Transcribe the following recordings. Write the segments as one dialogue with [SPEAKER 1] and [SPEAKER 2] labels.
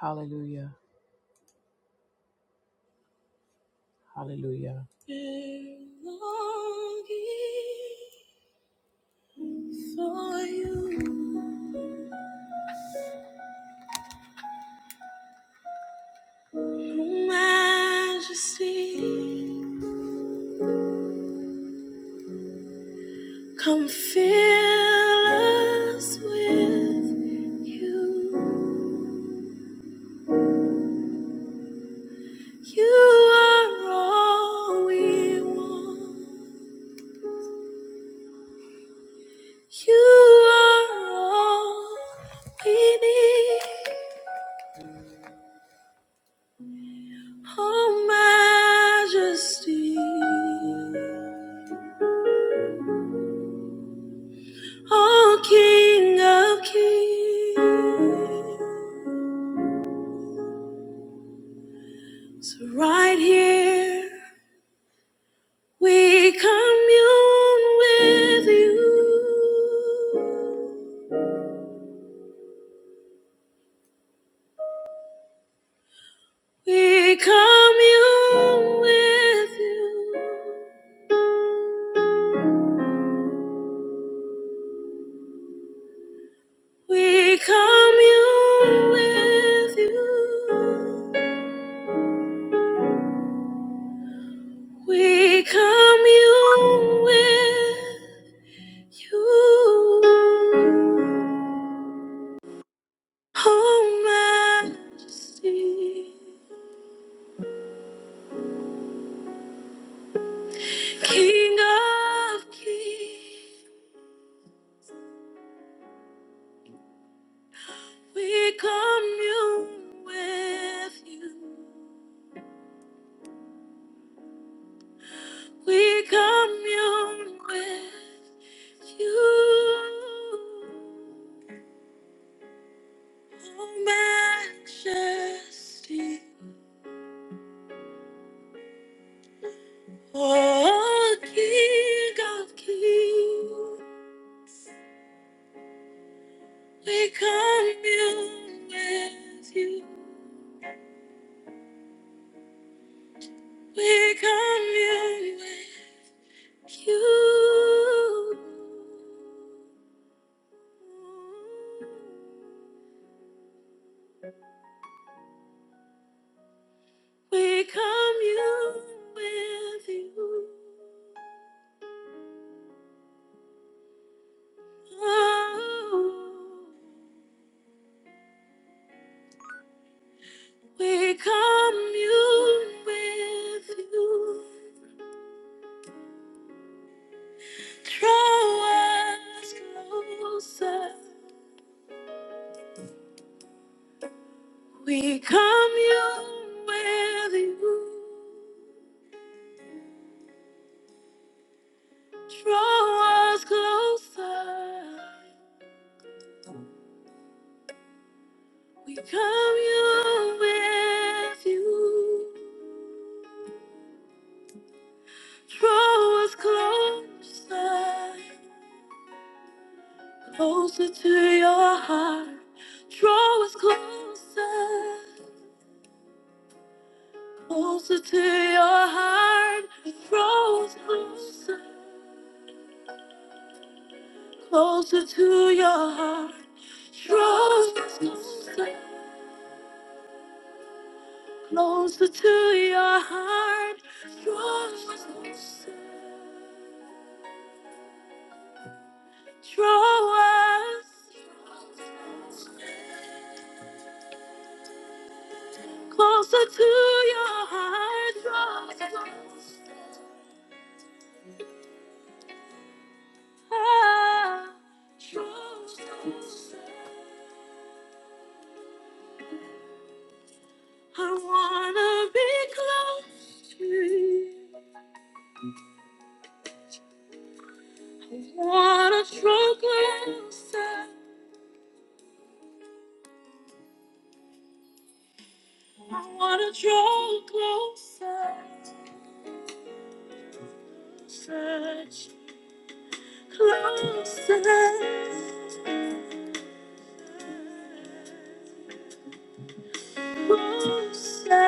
[SPEAKER 1] Hallelujah. Hallelujah. Been longing for you, oh Majesty. Come fill us with you. You are all we want. You are all we need, oh Majesty. Oh, King of Kings, right here we commune with you. We commune with you. We commune with you. We commune with you. Oh, Majesty. King of kings, we commune with you. We commune with you. Oh, majesty, oh, King of kings, we commune with you. We commune with you. We commune with you. Oh, we commune with you. Draw us closer. We commune with you. Draw us closer. We commune with you. Draw us closer, closer to your heart. Draw us closer, closer to your heart. Draw us closer, closer to your heart. Draw us closer, closer to your heart. Draw us closer. Draw us. Closer to your heart, trust. Ah, trust. I wanna be close to you. I wanna draw closer. I wanna draw closer. Search closer. Closer.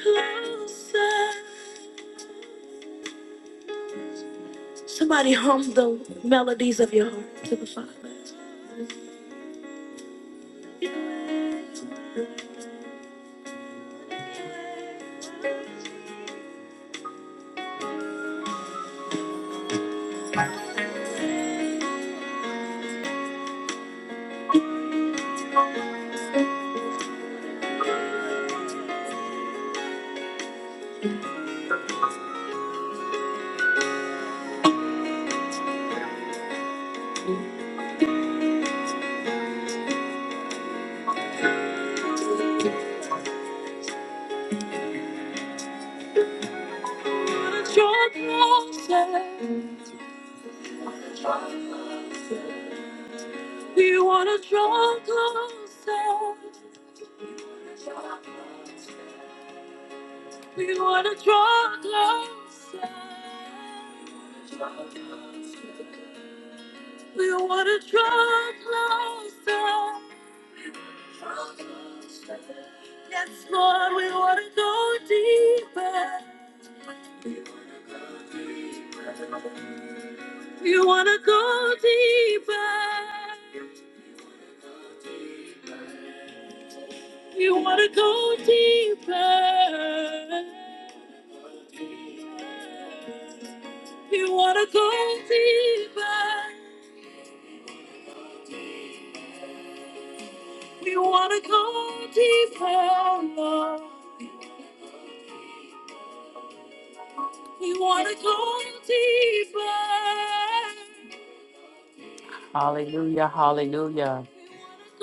[SPEAKER 1] Closer. Somebody hum the melodies of your heart to the Father. Wanna draw closer. We wanna draw closer. We wanna draw closer. We wanna draw closer. Yes, Lord, we wanna go deeper. We wanna go deeper. We wanna go deeper. We wanna go deeper. We wanna go deeper, Lord. We wanna go deeper. Hallelujah, hallelujah.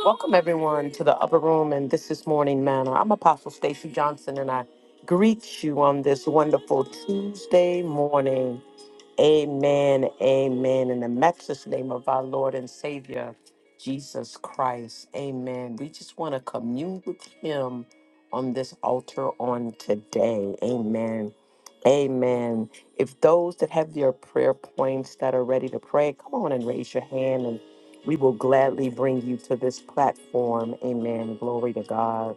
[SPEAKER 1] Welcome everyone to the upper room and this is Morning Manna. I'm Apostle Stacy Johnson and I greet you on this wonderful Tuesday morning. Amen, amen. In the matchless name of our Lord and Savior. Amen. A- If we, uh,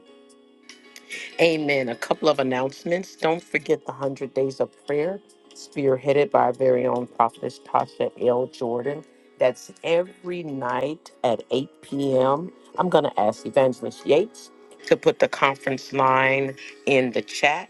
[SPEAKER 1] amen. A couple of announcements. Don't forget Days of Prayer, spearheaded by our very own prophetess Tasha L. Jordan. That's every night at 8 p.m. I'm going to ask Evangelist Yates to put the conference line in the chat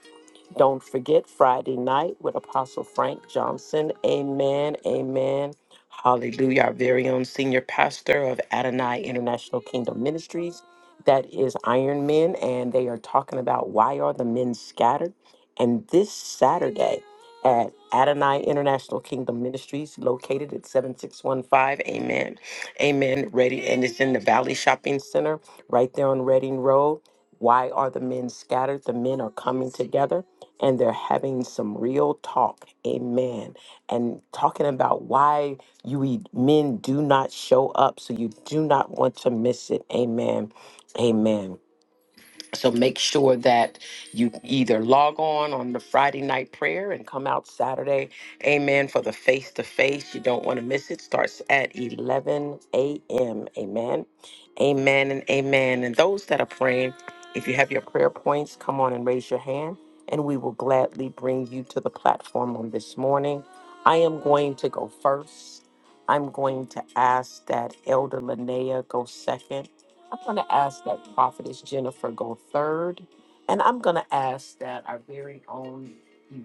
[SPEAKER 1] don't forget Friday night with Apostle Frank Johnson. Amen. Amen. Hallelujah. Our very own senior pastor of Adonai International Kingdom Ministries. That is Iron Men, and they are talking about why are the men scattered. And this Saturday at Adonai International Kingdom Ministries, located at 7615. Amen. Amen. Ready. And it's in the Valley Shopping Center right there on Reading Road. Why are the men scattered? The men are coming together and they're having some real talk. Amen. And talking about why you e- men do not show up. So you do not want to miss it. Amen. Amen. So make sure that you can come and gladly bring you to the platform on this morning. I am going to go. first. I'm going to ask that Elder Linnea go second. I'm going to ask that prophetess and I.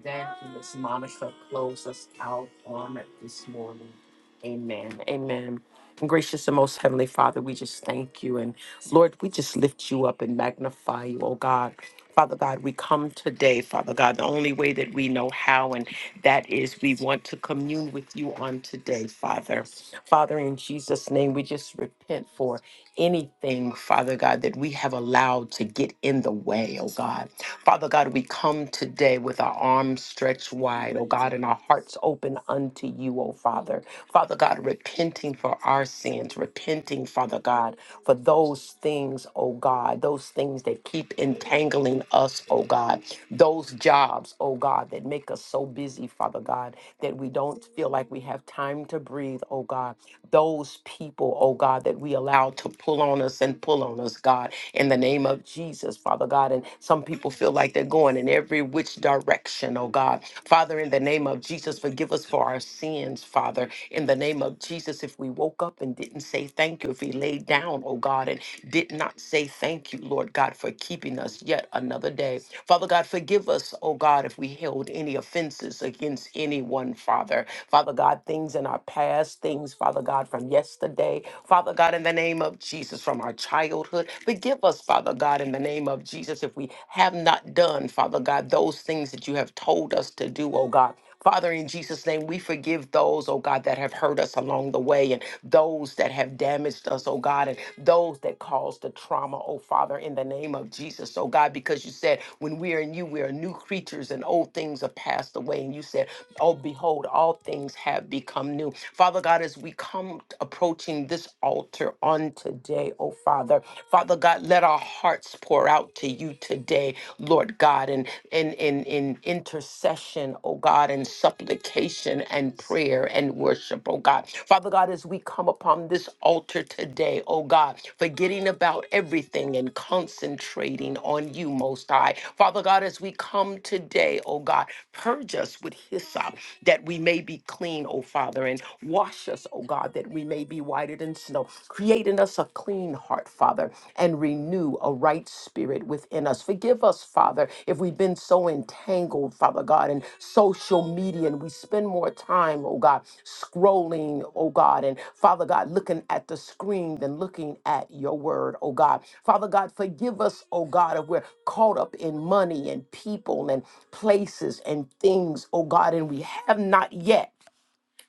[SPEAKER 1] repent for anything, Father God, that we have allowed to get in the way, oh God. Father God, we come today with our arms stretched wide, oh God, and our hearts open unto you, oh Father. Father God, repenting for our sins, repenting, Father God, for those things, oh God, those things that keep entangling us, oh God, those jobs, oh God, that make us so busy, Father God, that we don't feel like we have time to breathe, oh God those people, oh God, that we allow to pull on us and pull on us, God, in the name of Jesus, Father God. And some people feel like they're going in every which direction, oh God. Father, in the name of Jesus, forgive us for our sins, Father. In the name of Jesus, if we woke up and didn't say thank you, if we laid down, oh God, and did not say thank you, Lord God, for keeping us yet another day. Father God, forgive us, oh God, if we held any offenses against anyone, Father. Father God, things in our past past, things, Father God, from yesterday. Father God, in the name of Jesus, from our childhood. Forgive us, Father God, in the name of Jesus, if we have not done, Father God, those things that you have told us to do, oh God. Father, in Jesus' name, we forgive those, oh God, that have hurt us along the way and those that have damaged us, oh God, and those that caused the trauma, oh Father, in the name of Jesus, oh God, because you said, when we are in you, we are new creatures and old things are passed away. And you said, oh, behold, all things things have become new. Father God, as we come approaching this altar on today, oh Father, Father God, let our hearts pour out to you today, Lord God, in in in, in intercession, oh God, and supplication and prayer and worship, oh God. Father God, as we come upon this altar today, oh God, forgetting about everything and concentrating on you, Most High. Father God, as we come today, oh God, purge us with hyssop that we may be clean, O Father, and wash us, O God, that we may be whiter than snow. Create in us a clean heart, Father and renew a right spirit within us. Forgive us, Father, if we've been so entangled, Father God, in social media and we spend more time, oh God, scrolling, oh God, and Father God, looking at the screen than looking at your word, oh God. Father God, forgive us, oh God, if we're caught up in money and people and places and things, oh God, and we have not yet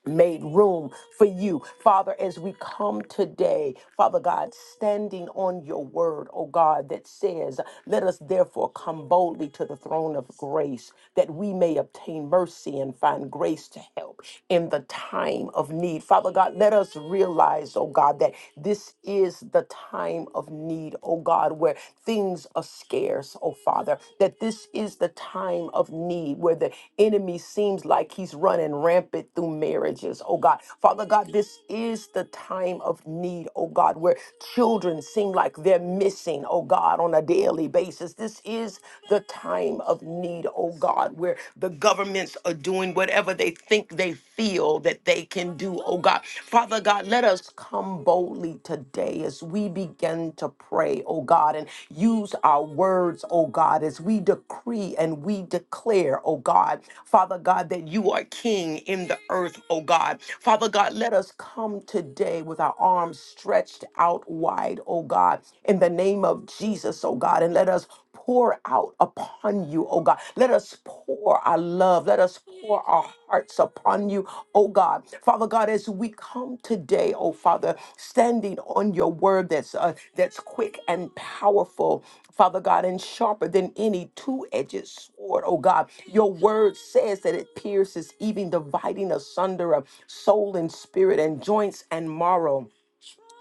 [SPEAKER 1] made room for you. Father, as we come today, Father God, standing on your word, oh God, that says, Let us therefore come boldly to the throne of grace, that we may obtain mercy and find grace to help in the time of need. Father God, let us realize, oh God, that this is the time of need, oh God, where things are scarce prayers, oh Father, that this is the time of need where the enemy seems like he's running rampant through marriages, oh God. Father God, this is the time of need, oh God, where children seem like they're missing, oh God, on a daily basis. This is the time of need, oh God, where the governments are doing whatever they think they feel that they can do, oh God. Father God, let us come boldly today as we begin to pray, oh God, and use our words, oh God, as we decree and we declare, oh God, Father God, that you are King in the earth, oh God. Father God, let us come today with our arms stretched out wide, oh God, in the name of Jesus, oh God, and let us pour out upon you, oh God. Let us pour our love. Let us pour our hearts upon you, oh God. Father God, as we come today, oh Father, standing on your word that's uh, that's quick and powerful, Father God, and sharper than any two-edged sword, oh God. Your word says that it pierces even dividing asunder of soul and spirit and joints and marrow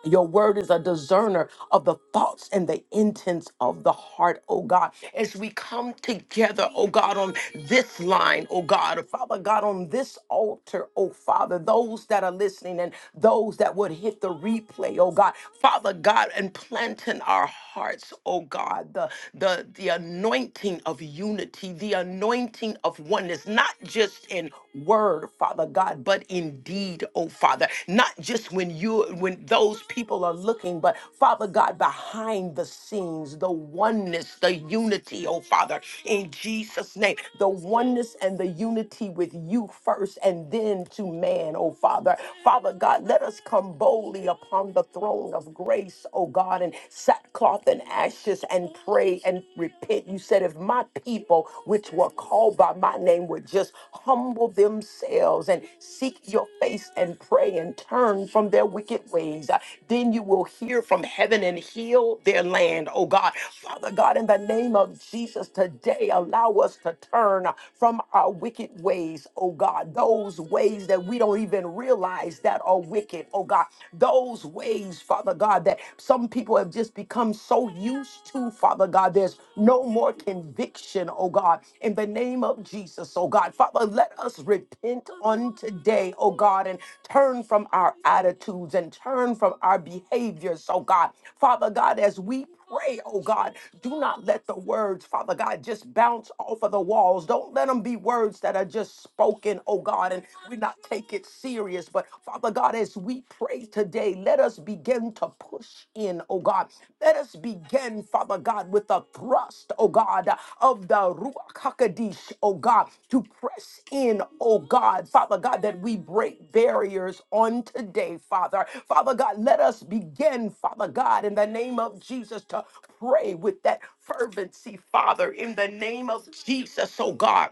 [SPEAKER 1] your word is a discerner of the thoughts and the intents of the heart, oh God. As we come together, oh God, on this line, oh God, Father God, on this altar, oh Father, those that are listening and those that would hit the replay, oh God, Father God, and plant in our hearts, oh God, the the the anointing of unity, the anointing of oneness, not just in word, Father God, but in deed, oh Father, not just when when you when those people are looking but father god behind the scenes the oneness the unity oh father in jesus name the oneness and the unity with you first and then to man oh father father god let us come boldly upon the throne of grace oh god and sackcloth and ashes and pray and repent you said if my people which were called by my name would just humble themselves and seek your face and pray and turn from their wicked ways. Uh, Then you will hear from heaven and heal their land, oh God. Father God, in the name of Jesus, today allow us to turn from our wicked ways, oh God. Those ways that we don't even realize that are wicked, oh God. Those ways, Father God, that some people have just become so used to, Father God, there's no more conviction, oh God. In the name of Jesus, oh God, Father, let us repent unto today, oh God, and turn from our attitudes and turn from our behaviors, oh God. Father God, as we pray, oh God, do not let the words, Father God, just bounce off of the walls. Don't let them be words that are just spoken, oh God, and we not take it serious. But Father God, as we pray today, let us begin to push in, oh God. Let us begin, Father God, with the thrust, oh God, of the Ruach HaKodesh, oh God, to press in, oh God, Father God, that we break barriers on today, Father. Father God, let us begin, Father God, in the name of Jesus to pray with that fervency, Father, in the name of Jesus, oh God.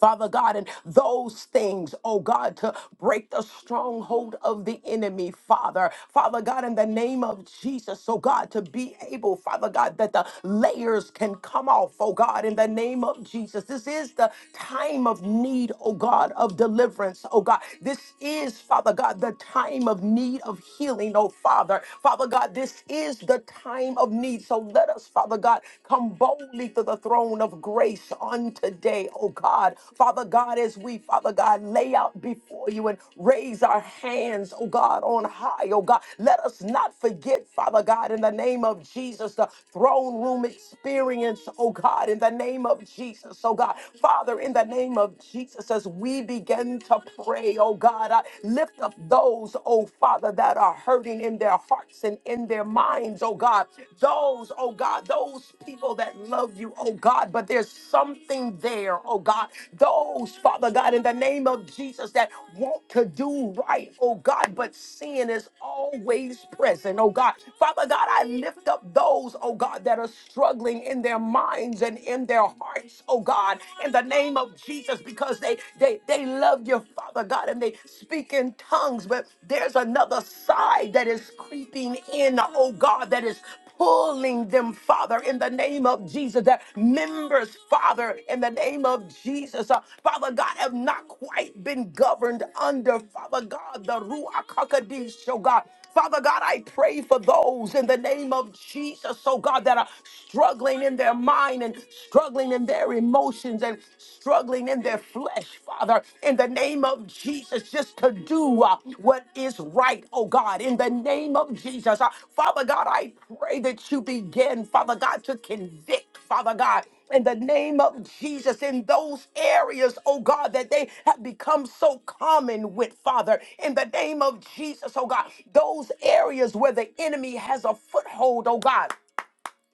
[SPEAKER 1] Father God, and those things, oh God, to break the stronghold of the enemy, Father. Father God, in the name of Jesus, oh God, to be able, Father God, that the layers can come off, oh God, in the name of Jesus. This is the time of need, oh God, of deliverance, oh God. This is, Father God, the time of need of healing, oh Father. Father God, this is the time of need. So let us, Father God, come boldly to the throne of grace on today, oh God. Father God, as we, Father God, lay out before you and raise our hands, oh God, on high, oh God. Let us not forget, Father God, in the name of Jesus, the throne room experience, oh God, in the name of Jesus. Jesus, oh God. Father, in the name of Jesus, as we begin to pray, oh God, I lift up those, oh Father, that are hurting in their hearts and in their minds, oh God. Those, oh God, those people that love you, oh God, but there's something there, oh God. Those, Father God, in the name of Jesus, that want to do right, oh God, but sin is always present, oh God. Father God, I lift up those, oh God, that are struggling in their minds minds and in their hearts, oh God, in the name of Jesus, because they they they love your Father God and they speak in tongues, but there's another side that is creeping in, oh God, that is pulling them, Father, in the name of Jesus. That members, Father, in the name of Jesus, uh, Father God, have not quite been governed under, Father God, the Ruach HaKodesh, oh God. Father God, I pray for those in the name of Jesus, oh God, that are struggling in their mind and struggling in their emotions and struggling in their flesh, Father, in the name of Jesus, just to do uh, what is right, oh God, in the name of Jesus. Uh, Father God, I pray that you begin, Father God, to convict quick, Father God, in the name of Jesus, in those areas, oh God, that they have become so common with, Father, in the name of Jesus, oh God, those areas where the enemy has a foothold, oh God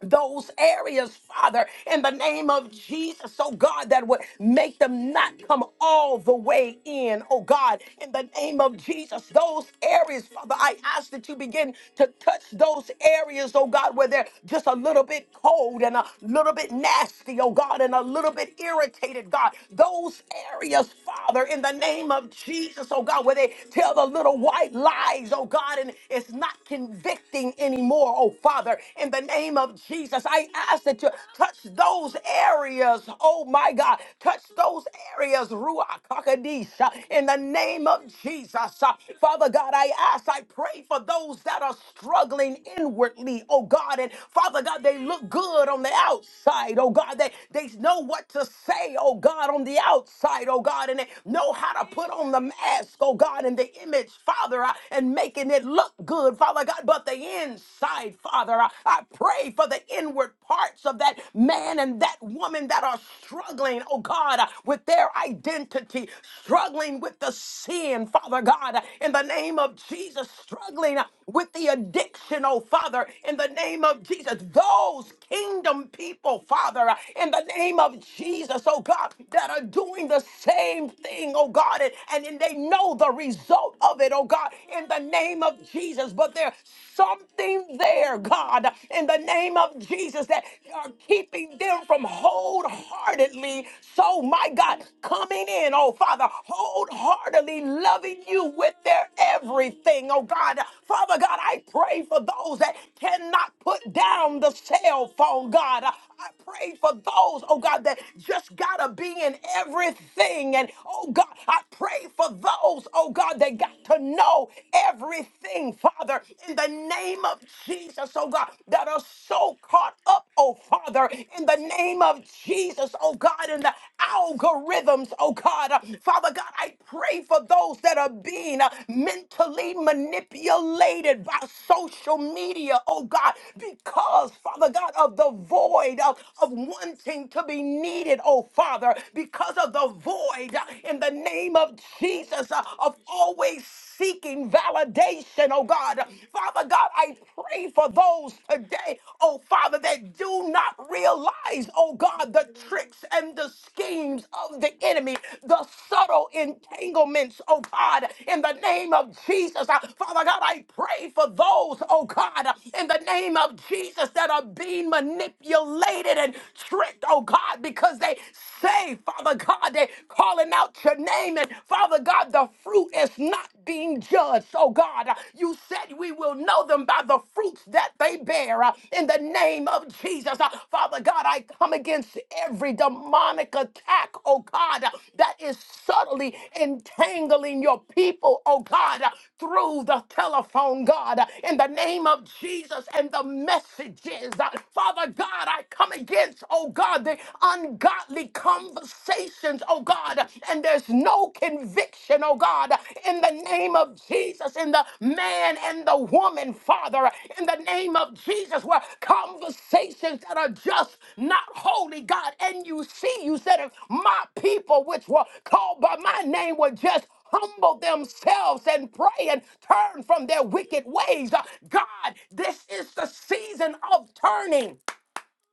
[SPEAKER 1] those areas, Father, in the name of Jesus, oh God, that would make them not come all the way in, oh God, in the name of Jesus, those areas, Father, I ask that you begin to touch those areas, oh God, where they're just a little bit cold and a little bit nasty, oh God, and a little bit irritated, God, those areas, Father, in the name of Jesus, oh God, where they tell the little white lies, oh God, and it's not convicting anymore oh Father, in the name of Jesus. I ask that you touch those areas, oh my God, touch those areas, Ruach Kakadisha, in the name of Jesus. Father God, I ask, I pray for those that are struggling inwardly, oh God, and Father God, they look good on the outside, oh God, they, they know what to say, oh God, on the outside, oh God, and they know how to put on the mask, oh God, and the image, Father, and making it look good good, Father God, but the inside, Father. I, I pray for the inward parts of that man and that woman that are struggling, oh God, uh, with their identity, struggling with the sin, Father God, uh, in the name of Jesus, struggling uh, with the addiction, oh Father, in the name of Jesus. Those kingdom people, Father, uh, in the name of Jesus, oh God, that are doing the same thing, oh God, and, and, and they know the result of it, oh God. God, in the name of Jesus. But there's something there, God, in the name of Jesus that are keeping them from wholeheartedly. So, my God, coming in, oh Father, wholeheartedly loving you with their everything, oh God. Father God, I pray for those that cannot put down the cell phone, God. I pray for those, oh God, that just gotta be in everything. And oh God, I pray for those, oh God, that got to know everything, Father, in the name of Jesus, oh God, that are so caught up, oh Father, in the name of Jesus, oh God, in the algorithms, oh God. Uh, Father God, I pray for those that are being uh, mentally manipulated by social media, oh God, because, Father God, of the void void of, of wanting to be needed, oh Father, because of the void uh, in the name of Jesus uh, of always seeking validation, oh God. Father God, I pray for those today, oh Father, that do not realize, oh God, the tricks and the schemes of the enemy, the subtle entanglements, oh God, in the name of Jesus. Uh, Father God, I pray for those, oh God, in the name of Jesus that are being manipulated manipulated and tricked, oh God, because they say, Father God, they calling out your name. And Father God, the fruit is not being judged. Oh God, uh, you said we will know them by the fruits that they bear uh, in the name of Jesus. Uh, Father God, I come against every demonic attack, oh God, uh, that is subtly entangling your people, oh God. uh, through the telephone, God, in the name of Jesus and the messages. Father God, I come against, oh God, the ungodly conversations, oh God, and there's no conviction, oh God, in the name of Jesus, in the man and the woman, Father, in the name of Jesus, where conversations that are just not holy, God, and you see, you said if my people, which were called by my name, were just humble themselves and pray and turn from their wicked ways. Uh, God, this is the season of turning.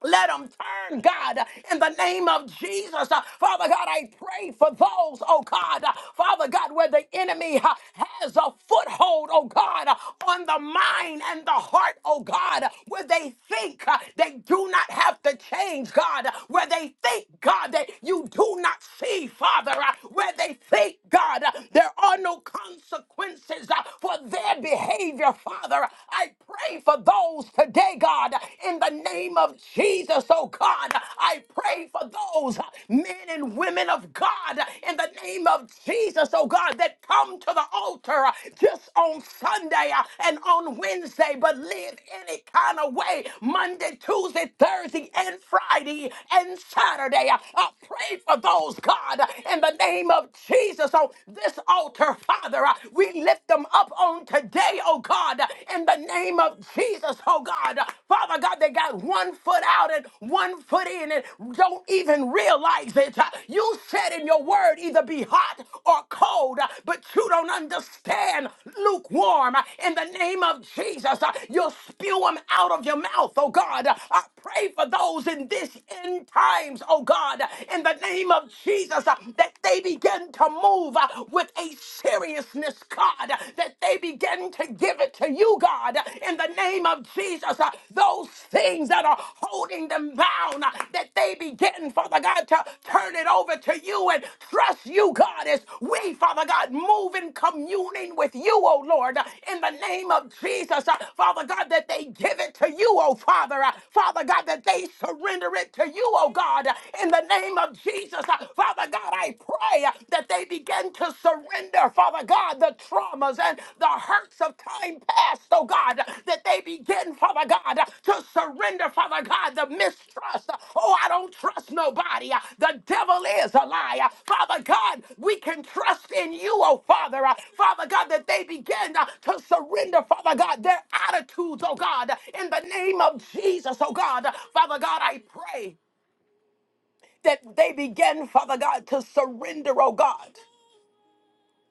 [SPEAKER 1] Let them turn, God, in the name of Jesus. Uh, Father God, I pray for those, oh God, uh, Father God, where the enemy uh, has a foothold, oh God, uh, on the mind and the heart, oh God, uh, where they think uh, they do not have to change, God, uh, where they think, God, that you do not see, Father, uh, where they think, God, uh, there are no consequences uh, for their behavior, Father. I pray for those today, God, in the name of Jesus, oh God. I pray for those uh, men and women of God in the name of Jesus, oh God, that come to the altar uh, just on Sunday uh, and on Wednesday, but live any kind of way Monday, Tuesday, Thursday, and Friday and Saturday. Uh, uh, pray for those, God, uh, in the name of Jesus on this altar, Father. uh, we lift them up on today, oh God, uh, in the name of Jesus, oh God. Uh, Father God, they got one foot out and one foot in and don't even realize it it. You said in your word, either be hot or cold, but you don't understand lukewarm. In the name of Jesus, you'll spew them out of your mouth, oh God. I pray for those in this end times, oh God, in the name of Jesus, that they begin to move with a seriousness, God, that they begin to give it to you, God, in the name of Jesus. Jesus, uh, those things that are holding them bound, uh, that they be getting, Father God, to turn it over to you and trust you, God, as we, Father God, move in communing with you, oh Lord, uh, in the name of Jesus, uh, Father God, that they give it to you, oh Father, uh, Father God, that they surrender it to you, oh God, uh, in the name of Jesus, uh, Father God, I pray uh, that they begin to surrender surrender, Father God, the traumas and the hurts of time past, oh God, that they begin, Father God, to surrender, Father God, the mistrust. Oh, I don't trust nobody. The devil is a liar. Father God, we can trust in you, oh Father. Father God, that they begin to surrender, Father God, their attitudes, oh God, in the name of Jesus, oh God. Father God, I pray that they begin, Father God, to surrender, oh God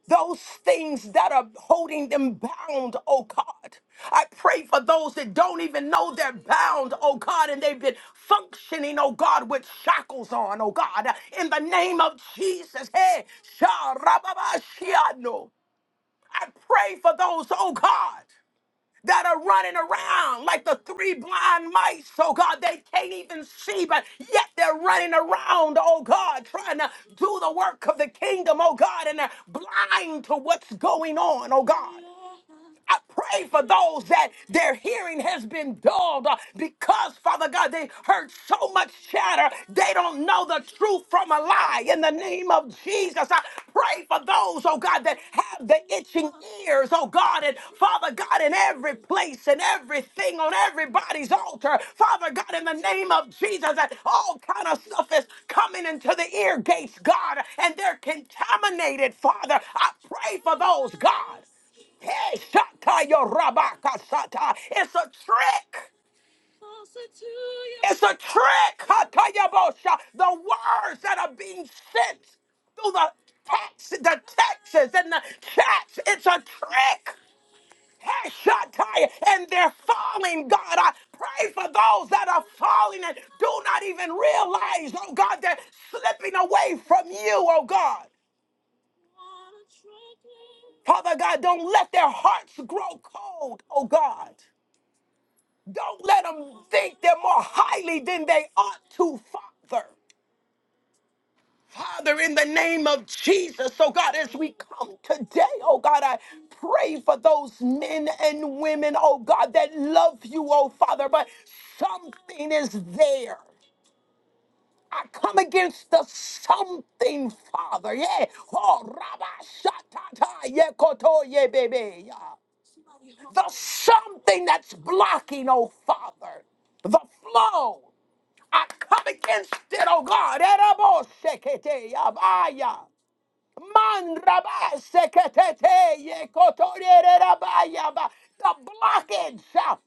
[SPEAKER 1] those things that are holding them bound, oh God. I pray for those that don't even know they're bound, oh God, and they've been functioning, oh God, with shackles on, oh God. In the name of Jesus, hey, Sharababashiano. I pray for those, oh God that are running around like the three blind mice, oh God. They can't even see, but yet they're running around, oh God, trying to do the work of the kingdom, oh God, and they're blind to what's going on, oh God. I pray for those that their hearing has been dulled uh, because, Father God, they heard so much chatter, they don't know the truth from a lie. In the name of Jesus, I pray for those, oh God, that have the itching ears, oh God, and Father God, in every place and everything on everybody's altar, Father God, in the name of Jesus, that all kind of stuff is coming into the ear gates, God, and they're contaminated, Father. I pray for those, God. Hey, Shakaya Rabakasata. It's a trick. It's a trick. Hatayabosha. The words that are being sent through the text, the texts and the chats. It's a trick. Hey, Shatai. And they're falling, God. I pray for those that are falling and do not even realize, oh God, they're slipping away from you, oh God. Father God, don't let their hearts grow cold, oh God. Don't let them think they're more highly than they ought to, Father. Father, in the name of Jesus, oh God, as we come today, oh God, I pray for those men and women, oh God, that love you, oh Father, but something is there. I come against the something, Father. Yeah. Oh, Rabba Shatata. Yeah, Koto, yeah, baby. Yeah the something that's blocking, oh Father, the flow. I come against it, oh God. Erabo sekete yabaya. Man raba sekete ye kotorere rabaya ba. The blockage. yeah.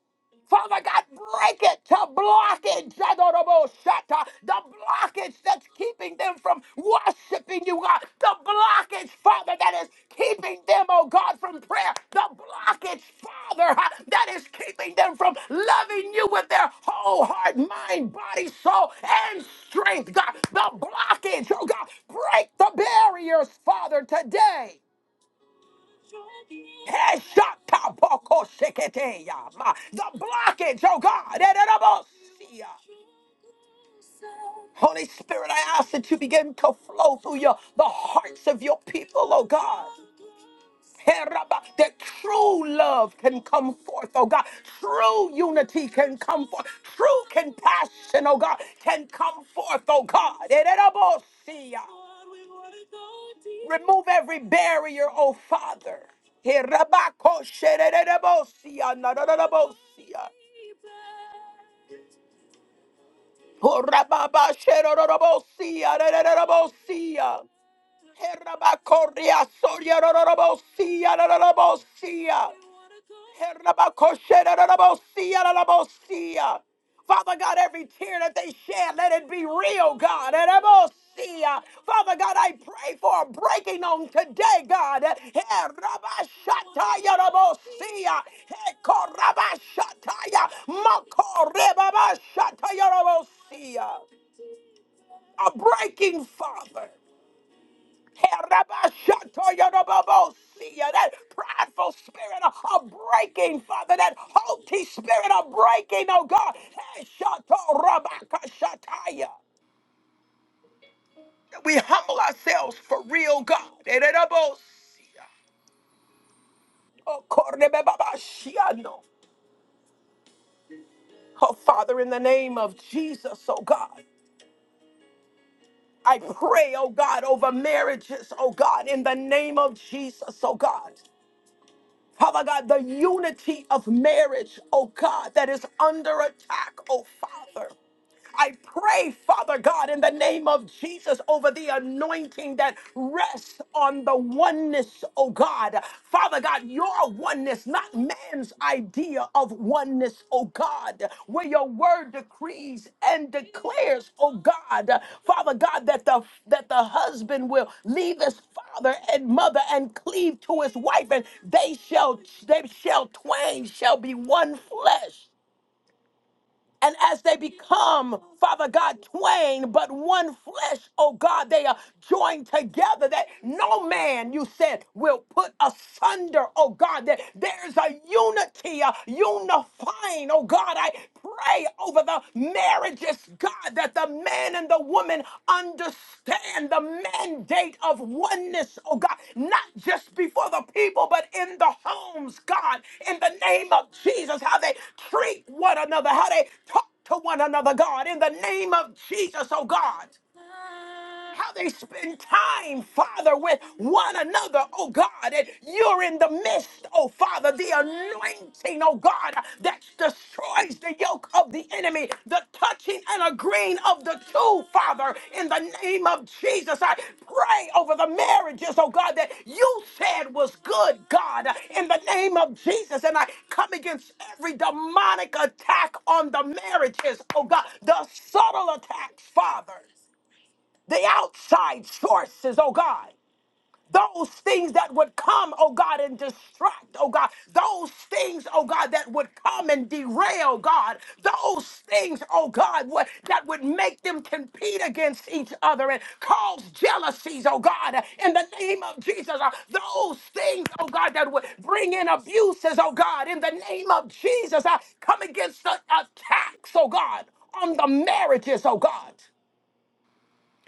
[SPEAKER 1] Father God, break it to blockage, Adorable Shatta, the blockage that's keeping them from worshiping you, God, the blockage, Father, that is keeping them, oh God, from prayer, the blockage, Father, uh, that is keeping them from loving you with their whole heart, mind, body, soul, and strength, God, the blockage, oh God, break the barriers, Father, today. Heshatapokosheketeya, ma. The blockage, oh God. Ererabosiya. Holy Spirit, I ask that you begin to flow through your the hearts of your people, oh God. Heraba, That true love can come forth, oh God. True unity can come forth. True compassion, oh God, can come forth, oh God. Ererabosiya. Remove every barrier, oh Father. Hey, Rabako, shererebosia, narararabosia. Oh, rererebosia. Herabakoria soria rorobosia rorobosia. Herabakoshia rorobosia rorobosia. Father God, every tear that they shed, let it be real, God. Herabosia. Father God, I pray for a breaking on today, God. Herabashataya rorobosia. Hekorabashataya. Makorebabashataya rorobosia. A breaking, Father. Herabashatoyorobobosia, That prideful spirit of of breaking, Father, that haughty spirit of breaking, oh God. Heshatorabakashataya. That We humble ourselves for real, God. Hererabosia. Oh, korebebabashiano. Oh, Father, in the name of Jesus, oh God. I pray, oh God, over marriages, oh God, in the name of Jesus, oh God. Father God, the unity of marriage, oh God, that is under attack, oh Father. I pray, Father God, in the name of Jesus, over the anointing that rests on the oneness, oh God. Father God, your oneness, not man's idea of oneness, oh God, where your word decrees and declares, oh God, Father God, that the that the husband will leave his father and mother and cleave to his wife, and they shall they shall twain shall be one flesh. And as they become, Father God, twain, but one flesh, oh God, they are joined together that no man, you said, will put asunder, oh God, that there's a unity, a unifying, oh God. I pray over the marriages, God. God, that the man and the woman understand the mandate of oneness, oh God, not just before the people, but in the homes, God, in the name of Jesus, how they treat one another, how they talk to one another, God, in the name of Jesus, oh God how they spend time, Father, with one another, oh God, and you're in the midst, oh Father, the anointing, oh God, that destroys the yoke of the enemy, the touching and agreeing of the two, Father, in the name of Jesus. I pray over the marriages, oh God, that you said was good, God, in the name of Jesus, and I come against every demonic attack on the marriages, oh God, the subtle attacks, Father the outside sources, oh God. Those things that would come, oh God, and distract, oh God. Those things, oh God, that would come and derail, God. Those things, oh God, what, that would make them compete against each other and cause jealousies, oh God, in the name of Jesus. Uh, Those things, oh God, that would bring in abuses, oh God, in the name of Jesus. I come against the attacks, oh God, on the marriages, oh God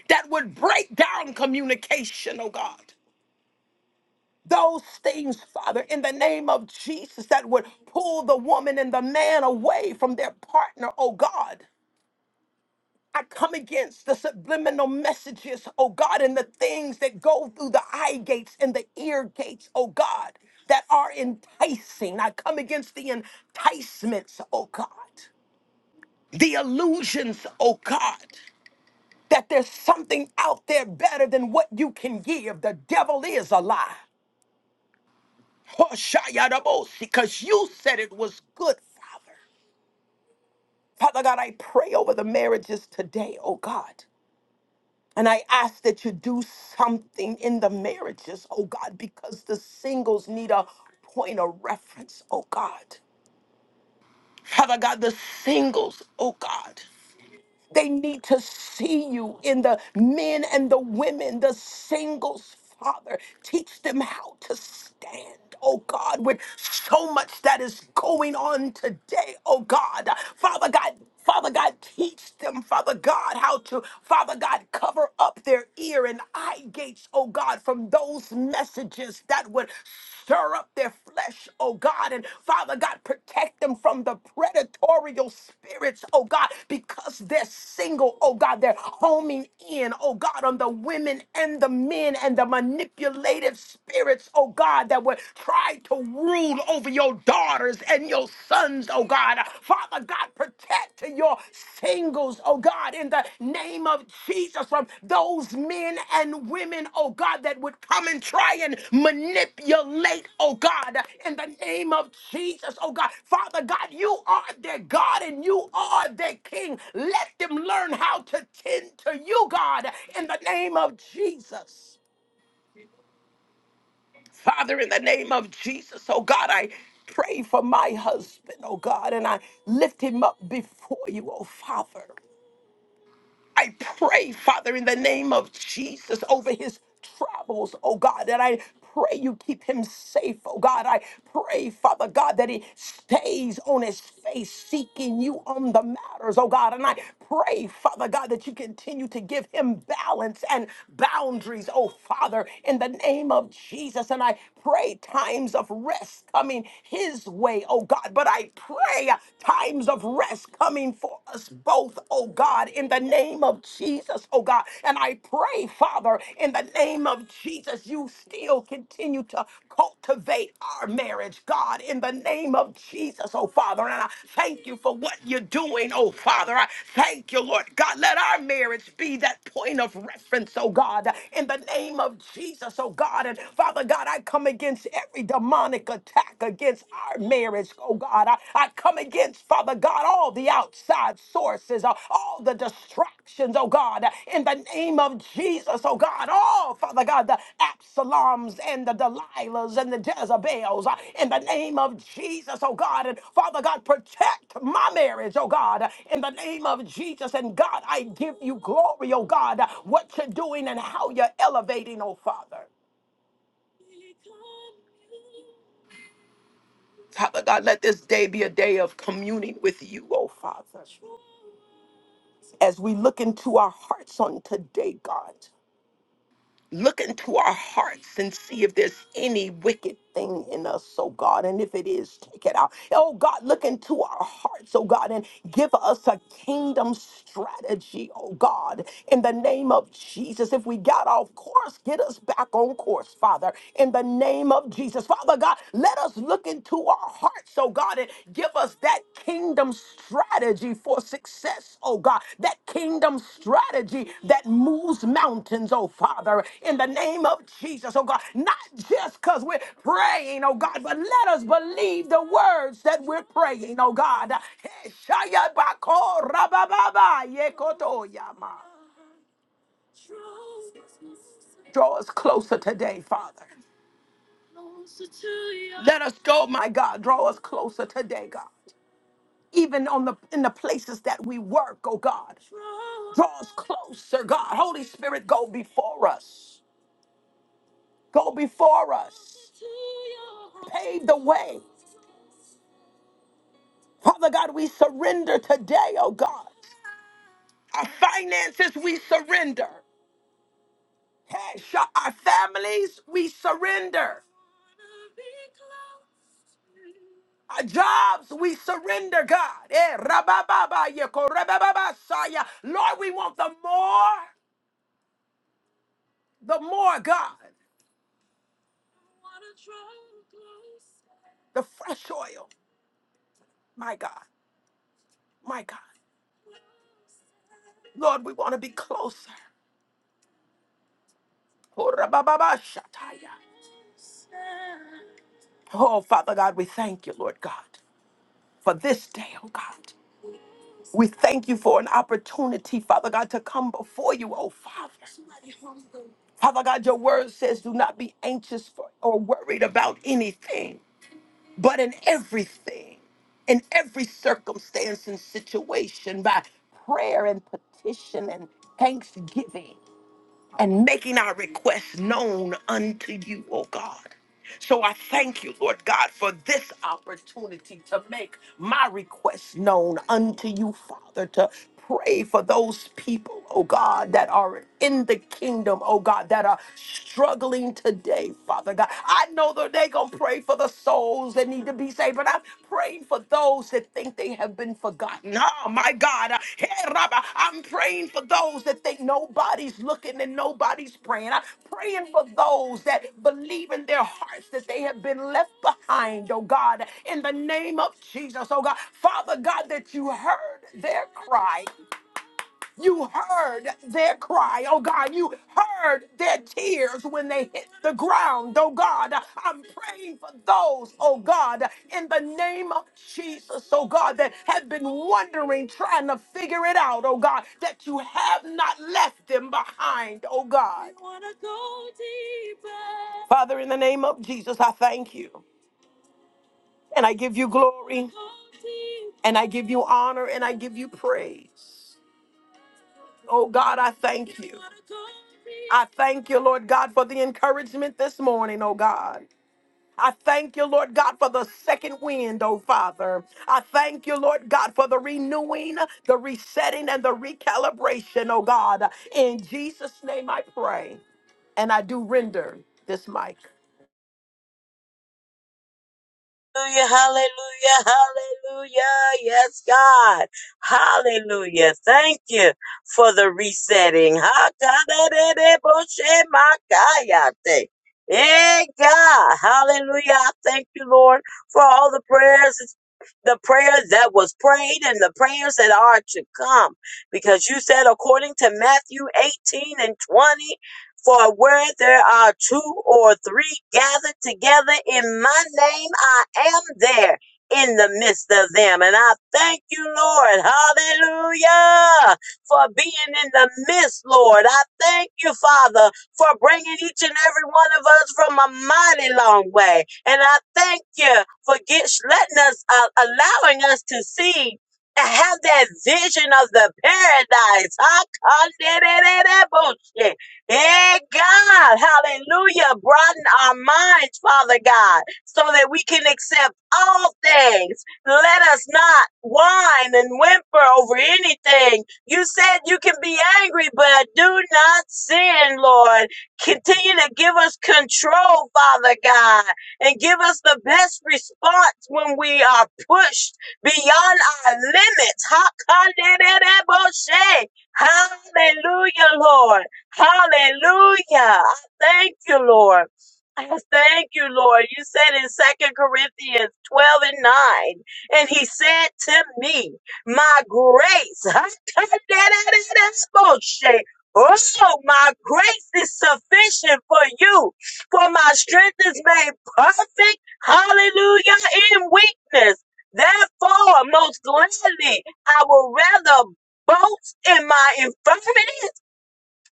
[SPEAKER 1] that would break down communication, oh God. Those things, Father, in the name of Jesus, that would pull the woman and the man away from their partner, oh God. I come against the subliminal messages, oh God, and the things that go through the eye gates and the ear gates, oh God, that are enticing. I come against the enticements, oh God, the illusions, oh God. that there's something out there better than what you can give. The devil is a lie. Because you said it was good, Father. Father God, I pray over the marriages today, oh God. And I ask that you do something in the marriages, oh God, because the singles need a point of reference, oh God. Father God, the singles, oh God. They need to see you in the men and the women, the singles, Father. Teach them how to stand. Oh God, with so much that is going on today, oh God. Father God, Father God, teach them, Father God, how to, Father God, cover up their ear and eye gates, oh God, from those messages that would stir up their flesh, oh God. And Father God, protect them from the predatory spirits, oh God, because they're single, oh God. They're homing in, oh God, on the women and the men and the manipulative spirits, oh God, that would try to rule over your daughters and your sons, oh God. Father God, protect your singles, oh God, in the name of Jesus, from those men and women, oh God, that would come and try and manipulate, oh God, in the name of Jesus, oh God. Father God, you are their God and you are their King. Let them learn how to tend to you, God, in the name of Jesus. Father, in the name of Jesus, oh God, I pray for my husband, oh God, and I lift him up before you, oh Father. I pray, Father, in the name of Jesus, over his travels, oh God, that I pray you keep him safe, oh God. I pray, Father God, that he stays on his face, seeking you on the matters, oh God. And I pray, Father God, that you continue to give him balance and boundaries, oh Father, in the name of Jesus. And I pray times of rest coming his way, oh God. But I pray times of of rest coming for us both, oh God, in the name of Jesus, oh God. And I pray, Father, in the name of Jesus, you still continue to cultivate our marriage, God, in the name of Jesus, oh Father. And I thank you for what you're doing, oh Father. I thank you, Lord God. Let our marriage be that point of reference, oh God, in the name of Jesus, oh God. And Father God, I come against every demonic attack against our marriage, oh God. I, I come against, Father God, all the outside sources, uh, all the distractions, oh God, in the name of Jesus, oh God. All, Father God, the Absaloms and the Delilahs and the Jezebels, uh, in the name of Jesus, oh God. And Father God, protect my marriage, oh God, in the name of Jesus. And God, I give you glory, oh God, what you're doing and how you're elevating, oh Father. Father God, let this day be a day of communing with you, oh Father. As we look into our hearts on today, God, look into our hearts and see if there's any wicked thing in us, oh God. And if it is, take it out. Oh God, look into our hearts, oh God, and give us a kingdom strategy, oh God, in the name of Jesus. If we got off course, get us back on course, Father, in the name of Jesus. Father God, let us look into our hearts, oh God. God, and give us that kingdom strategy for success, oh God, that kingdom strategy that moves mountains, oh Father, in the name of Jesus, oh God, not just because we're praying, oh God, but let us believe the words that we're praying, oh God. Draw us closer today, Father. Let us go, my God. Draw us closer today, God even on the in the places that we work, oh God. Draw us closer, God. Holy Spirit, go before us. Go before us. Pave the way. Father God, we surrender today, oh God. Our finances, we surrender. Hey, sh- Our families, we surrender. Our jobs, we surrender, God. Eh, rabababa, yeko, rabababa, saya. Lord, we want the more. the more God, the fresh oil, my God, my God. Lord, we want to be closer. Oh, Father God, we thank you, Lord God, for this day, oh God. We thank you for an opportunity, Father God, to come before you, oh Father. Father God, your word says, do not be anxious for or worried about anything. but in everything, in every circumstance and situation, by prayer and petition and thanksgiving and making our requests known unto you, O God. So I thank you, Lord God, for this opportunity to make my requests known unto you, Father, to pray for those people, oh God, that are in the kingdom, oh God, that are struggling today, Father God. I know that they're going to pray for the souls that need to be saved, but I'm praying for for those that think they have been forgotten. Oh, my God. Uh, Hey, Rabbi, I'm praying for those that think nobody's looking and nobody's praying. I'm praying for those that believe in their hearts that they have been left behind, oh God, in the name of Jesus, oh God. Father God, that you heard their cry. You heard their cry. Oh God, you heard their tears when they hit the ground. Oh God, I'm praying for those, oh God, in the name of Jesus, oh God, that have been wondering, trying to figure it out, oh God, that you have not left them behind, oh God. We wanna go deeper. Father, in the name of Jesus, I thank you. And I give you glory. Go deeper. And I give you honor and I give you praise. Oh God, I thank you. I thank you, Lord God, for the encouragement this morning, oh God. I thank you, Lord God, for the second wind, oh Father. I thank you, Lord God, for the renewing, the resetting, and the recalibration, oh God. In Jesus' name I pray. And I do render this mic.
[SPEAKER 2] Hallelujah, hallelujah, hallelujah. Yes, God. Hallelujah. Thank you for the resetting. Hakadadadeboshemakayate. Hey, God. Hallelujah. I thank you, Lord, for all the prayers, the prayers that was prayed and the prayers that are to come. Because you said, according to Matthew 18 and 20, for where there are two or three gathered together in my name, I am there in the midst of them. And I thank you, Lord. Hallelujah. For being in the midst, Lord. I thank you, Father, for bringing each and every one of us from a mighty long way. And I thank you for get, letting us, uh, allowing us to see and have that vision of the paradise. I Hey God, hallelujah. Broaden our minds, Father God, so that we can accept all things. Let us not whine and whimper over anything. You said you can be angry, but do not sin, Lord. Continue to give us control, Father God, and give us the best response when we are pushed beyond our limits. Ha- ka- de- de- de- bo- she. Hallelujah, Lord. Hallelujah. I thank you, Lord. I thank you, Lord. You said in Second Corinthians 12 and 9, and he said to me, My grace, oh, my grace is sufficient for you, for my strength is made perfect, hallelujah, in weakness. Therefore, most gladly, I will rather boast in my infirmities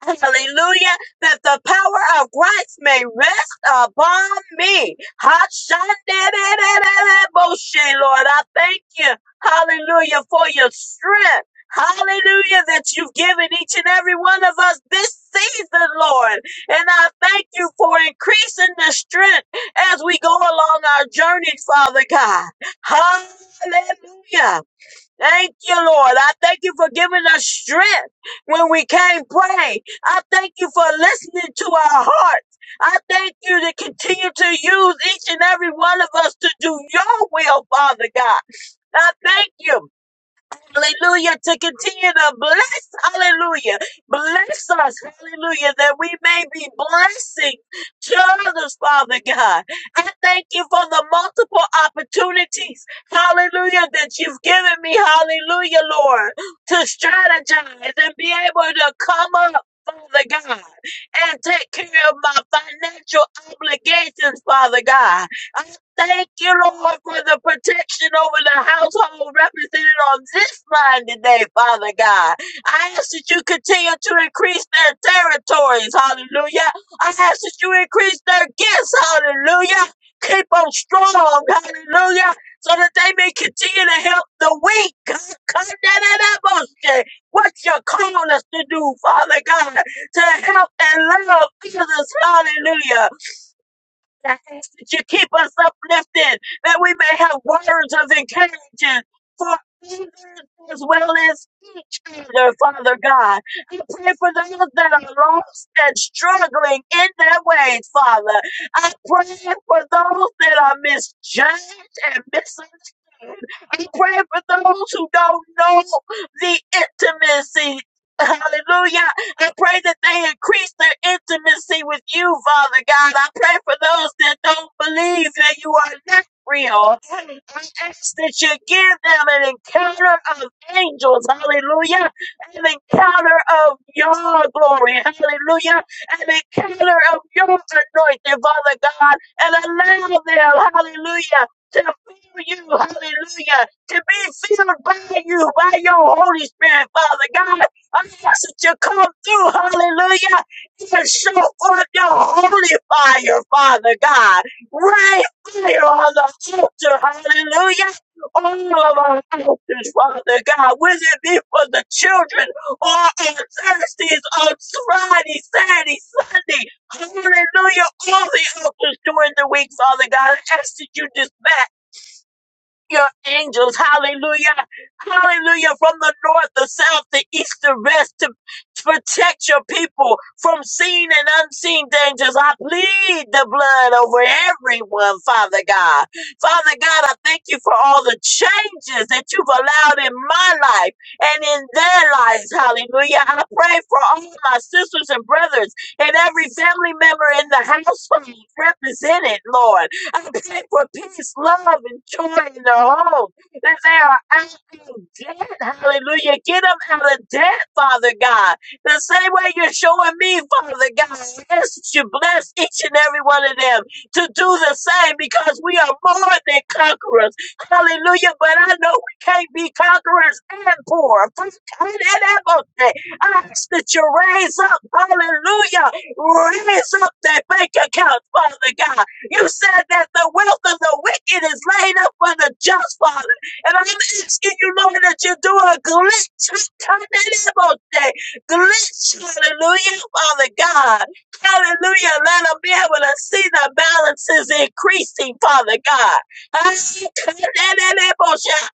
[SPEAKER 2] Hallelujah. That the power of Christ may rest upon me. Ha-shan-de-de-de-de-de-bo-she, Lord, I thank you. Hallelujah for your strength. Hallelujah that you've given each and every one of us this season, Lord. And I thank you for increasing the strength as we go along our journey, Father God. Hallelujah. Thank you, Lord. I thank you for giving us strength when we can't pray. I thank you for listening to our hearts. I thank you to continue to use each and every one of us to do your will, Father God. I thank you. Hallelujah. To continue to bless. Hallelujah. Bless us. Hallelujah. That we may be blessing to others, Father God. I thank you for the multiple opportunities. Hallelujah. That you've given me. Hallelujah, Lord. To strategize and be able to come up. Father God, and take care of my financial obligations, Father God. I thank you, Lord, for the protection over the household represented on this line today, Father God. I ask that you continue to increase their territories, hallelujah. I ask that you increase their gifts, hallelujah. Keep them strong, hallelujah, so that they may continue to help the weak. God, come down in that bullshit. What you're calling us to do, Father God, to help and love others, hallelujah that you keep us uplifted, that we may have words of encouragement for others as well as each other, Father God. I pray for those that are lost and struggling in their ways, Father. I pray for those that are misjudged and misunderstood. I pray for those who don't know the intimacy. Hallelujah I pray that they increase their intimacy with you, Father God. I pray for those that don't believe that you are not real. I ask that you give them an encounter of angels, hallelujah, an encounter of your glory, hallelujah, an encounter of your anointing, Father God, and allow them, hallelujah, to feel you, hallelujah, to be filled by you, by your Holy Spirit, Father God. I ask that you come through, hallelujah, and show forth your holy fire, Father God. Rain fire on the altar, hallelujah. All of our altars, Father God, whether it be for the children or on Thursdays, on Friday, Saturday, Sunday, hallelujah, all the altars during the week, Father God. I ask that you dispatch your angels, hallelujah, hallelujah, from the north, the south, the east, the west, to protect your people from seen and unseen dangers. I plead the blood over everyone, Father God. Father God, I thank you for all the changes that you've allowed in my life and in their lives, hallelujah. I pray for all my sisters and brothers and every family member in the household represented, Lord. I pray for peace, love, and joy in their home. That they are acting dead. Hallelujah. Get them out of debt, Father God. The same way you're showing me, Father God. I ask that you bless each and every one of them to do the same because we are more than conquerors. Hallelujah. But I know we can't be conquerors and poor. I ask that you raise up, hallelujah, raise up that bank account, Father God. You said that the wealth of the wicked is laid up for the just, Father. And I'm asking you, Lord, that you do a glitch. Glitch, hallelujah, Father God. Hallelujah. Let them be able to see the balances increasing, Father God. I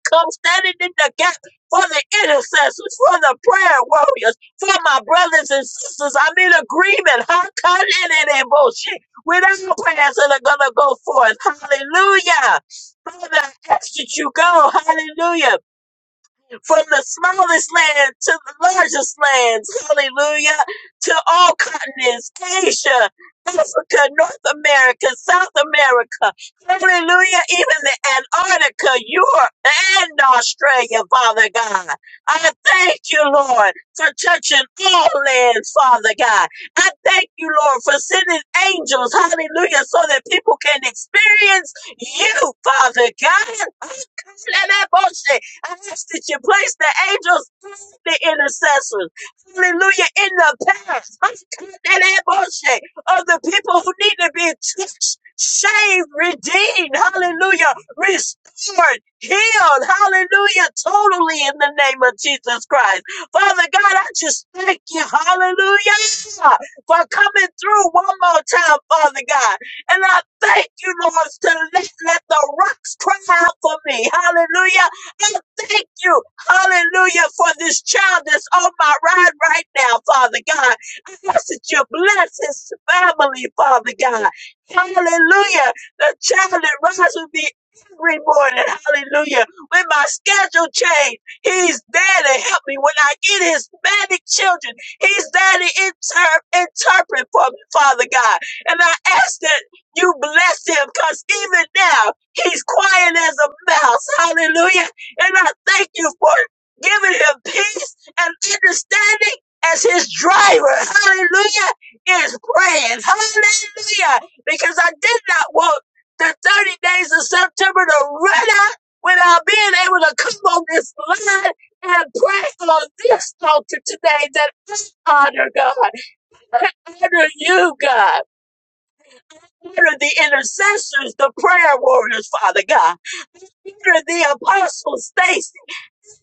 [SPEAKER 2] Come standing in the gap for the intercessors, for the prayer warriors, for my brothers and sisters. I'm in agreement without prayers that are going to go forth. Hallelujah. Father, I ask that you go. Hallelujah from the smallest land to the largest lands. Hallelujah. To all continents, Asia, Africa, North America, South America. Hallelujah. Even the Antarctica, Europe, and Australia, Father God. I thank you, Lord, for touching all lands, Father God. I thank you, Lord, for sending angels, hallelujah, so that people can experience you, Father God. I ask that you place the angels, the intercessors, hallelujah, in the path of the people who need to be touched, saved, redeemed, hallelujah, restored, healed, hallelujah, totally in the name of Jesus Christ. Father God, I just thank you, hallelujah, for coming through one more time, Father God. And I thank you, Lord, to let, let the rocks cry out for me. Hallelujah. I thank you, hallelujah, for this child that's on my ride right now, Father God. I ask that you bless his family, Father God. Hallelujah. The child that rides with me every morning, hallelujah. When my schedule changed, he's there to help me. When I get Hispanic children, he's there to inter- interpret for me, Father God. And I ask that you bless him because even now, He's quiet as a mouse. Hallelujah. And I thank you for giving him peace and understanding as his driver. Hallelujah is praying. Hallelujah. Because I did not want the 30 days of September to run out without being able to come on this line and pray on this altar today that I honor God, honor you, God. Honor the intercessors, the prayer warriors, Father God. Honor the apostles, Stacy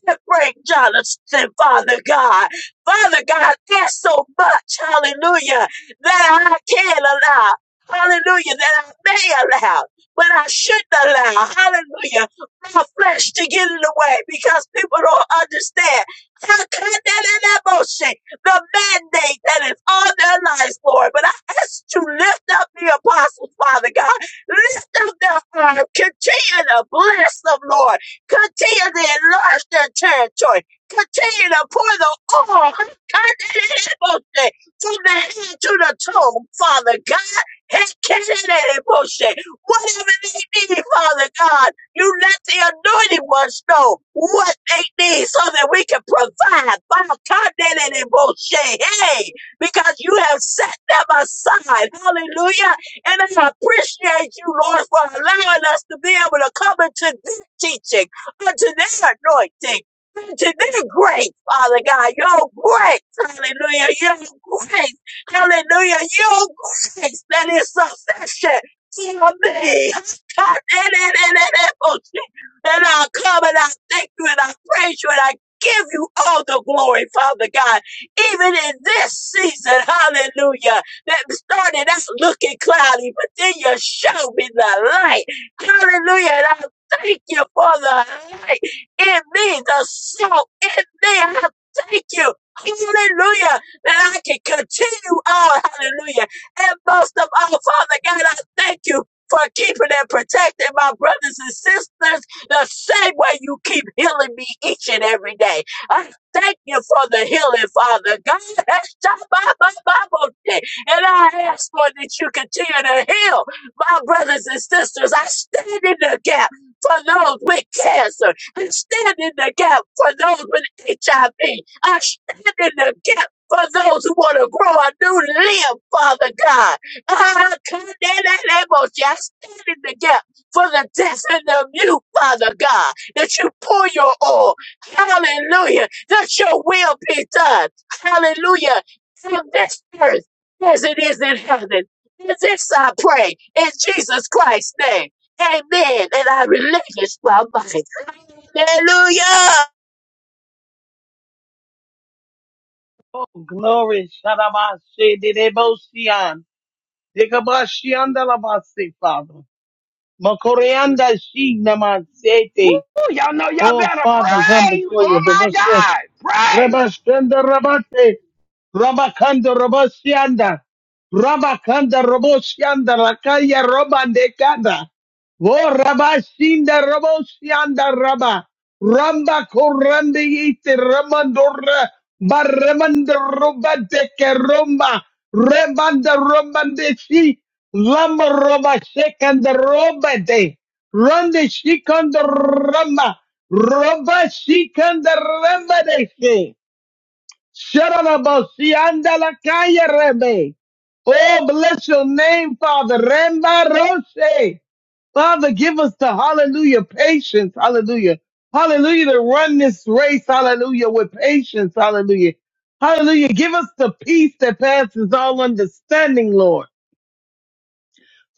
[SPEAKER 2] that break Jonathan, Father God. Father God, there's so much, hallelujah, that I can allow, hallelujah, that I may allow, but I shouldn't allow, hallelujah, my flesh to get in the way because people don't understand how can that emotion, the mandate that is on their lives, Lord. But I ask you to lift up the apostles, Father God. Lift up their arm. Continue to bless them, Lord. Continue to enlarge their territory. Continue to pour the oil from the head to the toe, Father God. Whatever they need, Father God, you let the anointed ones know what they need so that we can provide. Hey, because you have set them aside. Hallelujah. And I appreciate you, Lord, for allowing us to be able to come into this teaching unto their anointing, unto their grace, Father God, your grace, hallelujah, your grace, hallelujah, your grace that is sufficient for me. God, and, and, and, and, and, oh, shit. and I'll come and I thank you and I praise you and I give you all the glory, Father God, even in this season, hallelujah, that started out looking cloudy, but then you showed me the light. Hallelujah. and I thank you Father, Hey, in me, the salt in me. I thank you. Hallelujah. That I can continue on. Hallelujah. And most of all, Father God, I thank you for keeping and protecting my brothers and sisters the same way you keep healing me each and every day. I thank you for the healing, Father God. That's just my- my- my birthday. And I ask, Lord, that you continue to heal my brothers and sisters. I stand in the gap for those with cancer. I stand in the gap for those with HIV. I V. I stand in the gap for those who want to grow a new limb, Father God. I stand in the gap for the deaf and the mute, Father God, that you pour your oil. Hallelujah. That your will be done. Hallelujah. On this earth as it is in heaven. And this I pray in Jesus Christ's name. Amen. And I release my mind. Hallelujah.
[SPEAKER 3] Oh, glory. Shadabashe de debosian. Dekabashian dalabase, Father. Makoreanda shi namasete. Oh, Father, come before you. The Moshe. Rabashenda rabate. Rabakanda Roboshianda. Rabakanda Roboshianda Rakaya Robandekanda. Oh Rabashinda Roboshianda Rabba. Ramba Koranda Yite Ramandora Barramanda Robadeke Romba. Rebanda Romandeshi. Lamba Roba Shekanda Robade. Rande Shikanda Ramba. Roba Shikanda Rambadeshe. Sharabasi andala kaya rebe. Oh, bless your name, Father. Ramba Roche. Father, give us the hallelujah patience. Hallelujah. Hallelujah to run this race. Hallelujah with patience. Hallelujah. Hallelujah. Give us the peace that passes all understanding, Lord.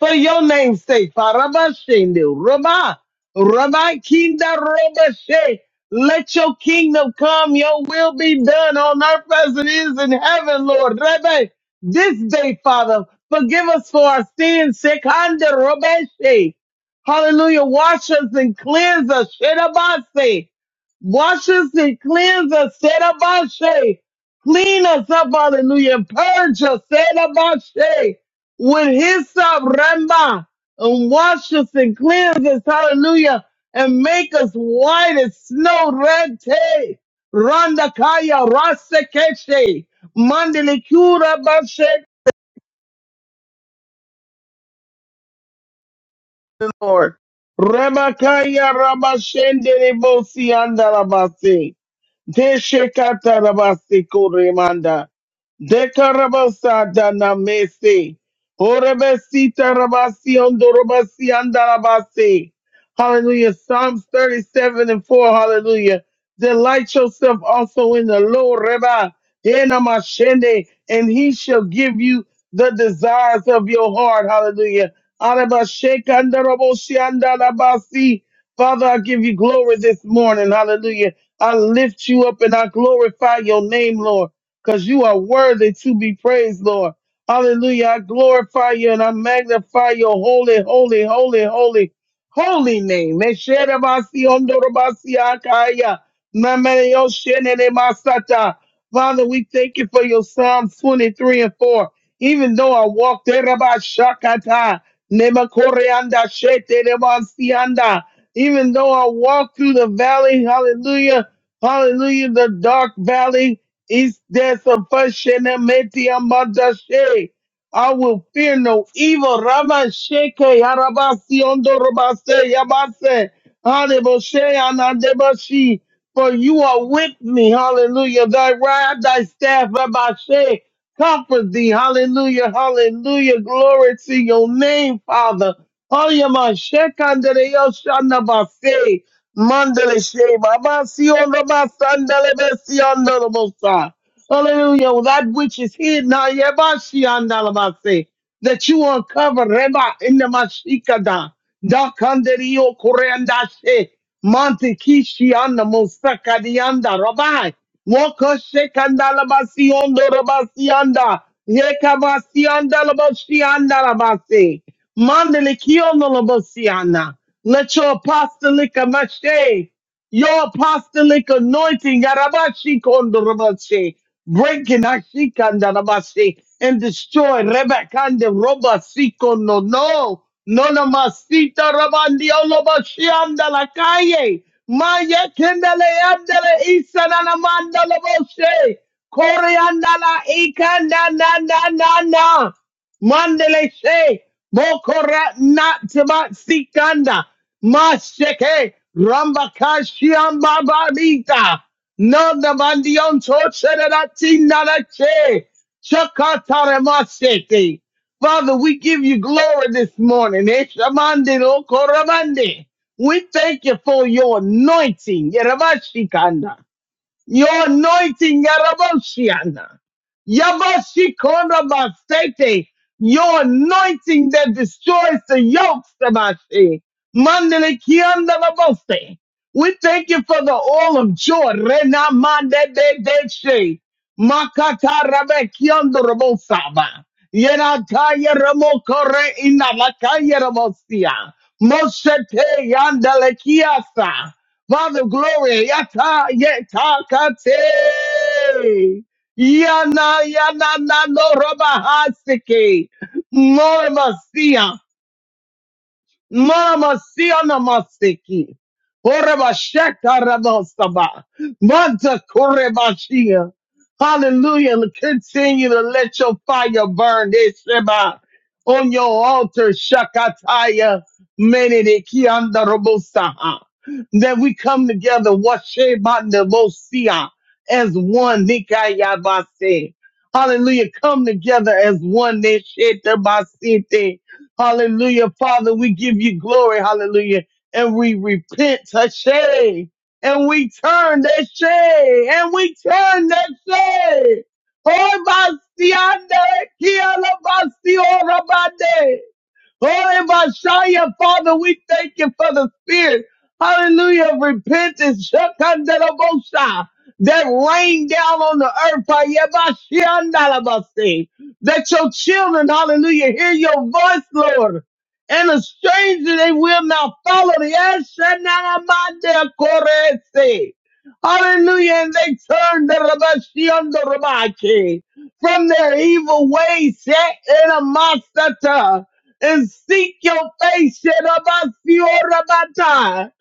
[SPEAKER 3] For your name's sake, Parabashende, Rabba, Rabbi Kinda Rabashe, let your kingdom come, your will be done on earth as it is in heaven, Lord. Rabbi, this day, Father, forgive us for our sins, Sekanda Rabashe. Hallelujah, wash us and cleanse us, Shedabase. Wash us and cleanse us, Shedabase. Clean us up, hallelujah, and purge us, Shedabase with hyssop Ramba and wash us and cleanse us, hallelujah, and make us white as snow, rente, randakaya, rasekeshe, mandele the Lord. Ramakaya Ramashende Rebosi Andalabasi. Deshekata Rabasi Kuremanda. Dekarabasa Danamese. Orebesita Rabasi Ondorabasi Andalabasi. Hallelujah. Psalms 37 and 4. Hallelujah. Delight yourself also in the Lord, Reba. Enamashende, And he shall give you the desires of your heart. Hallelujah. Arabashekandarabosiandarabasi. Father, I give you glory this morning. Hallelujah. I lift you up and I glorify your name, Lord, because you are worthy to be praised, Lord. Hallelujah. I glorify you and I magnify your holy, holy, holy, holy, holy name. Mesherabasiondorobasiakaya. Namereyoshenenemasata. Father, we thank you for your Psalms 23 and 4. Even though I walk there, Nemakoreanda shete nebasianda. Even though I walk through the valley, hallelujah, hallelujah, the dark valley is there sufficient. meti amadashe. I will fear no evil. Rama sheke yarabasi ondo robase yabase. Haneboshe anadebashi. For you are with me. Hallelujah. Thy rod, thy staff, Rabbi comfort thee. Hallelujah, hallelujah. Glory to your name, Father. Oyama shekandere yoshana base. Mandele shema basi ono basandele besi andele bosa. Hallelujah. Well, That which is hidden, ayebashi andele base, that you uncover, Reba, in the Mashikada, Dakanderio Korandashe, Monte Kishi and the Mosakadianda, Rabbi. Woko shekanda la la la la basi basi basi anda la basi anda la basi yeka mandele kiondo la basi Mandelikionolabasiana. Let your apostolic mashe. Your apostolic anointing, Yarabashi Kondorabashe, breaking Ashikandarabashe, and destroy Rebekande Robasiko no no. Nona masita rabandi olobashi anda la calle. Maya kendele andele isanana mandala boshe. Koreanda la ikanda na na na na. Mandele she mokora nataba sikanda masheke rambakashi rambakashiam bababita nanda bandion tocherati nalache chakatare masheke. Father, we give you glory this morning. Eshamande lokorabande. We thank you for your anointing. Yerabashikanda. Your anointing, Yaraboshiana. Yabashikorabasete. Your anointing that destroys the yokes, Tabashi. Mandelikiandaraboste. We thank you for the oil of joy. Rena mande de de she. Makata rabe kiondo rabosaba. Yena kaya ramoko re ina la kaya rabosia. Moshe te yandele kiasa. Father, glory. Yata, yeta, kate. Yana, yana, na, no, roba, hasike. More Maramasiana masiki. Orabashaka rabasaba. Manta korebashia. Hallelujah. Continue to let your fire burn. Esheba. On your altar, Shakataya. Menede kianda robosaha. That we come together, washeba nebosia, as one. Nikayabase. Hallelujah. Come together as one. Neshetabasite. Hallelujah. Father, we give you glory. Hallelujah. And we repent, Hashay. And we turn that shay. And we turn that shay. Oh, Bastiande, Kiala Basti, Orabande. Oh, in Messiah, Father, we thank you for the spirit. Hallelujah. of Repentance. Shakandalabosa, That rain down on the earth. Ayabashiandalabase, That your children, hallelujah, hear your voice, Lord. And a stranger they will not follow. Yeshanamadekorese. Hallelujah. And they turn the Rabashiandorabake from their evil ways. Set in a masata and seek your face, Shedabasiorabata,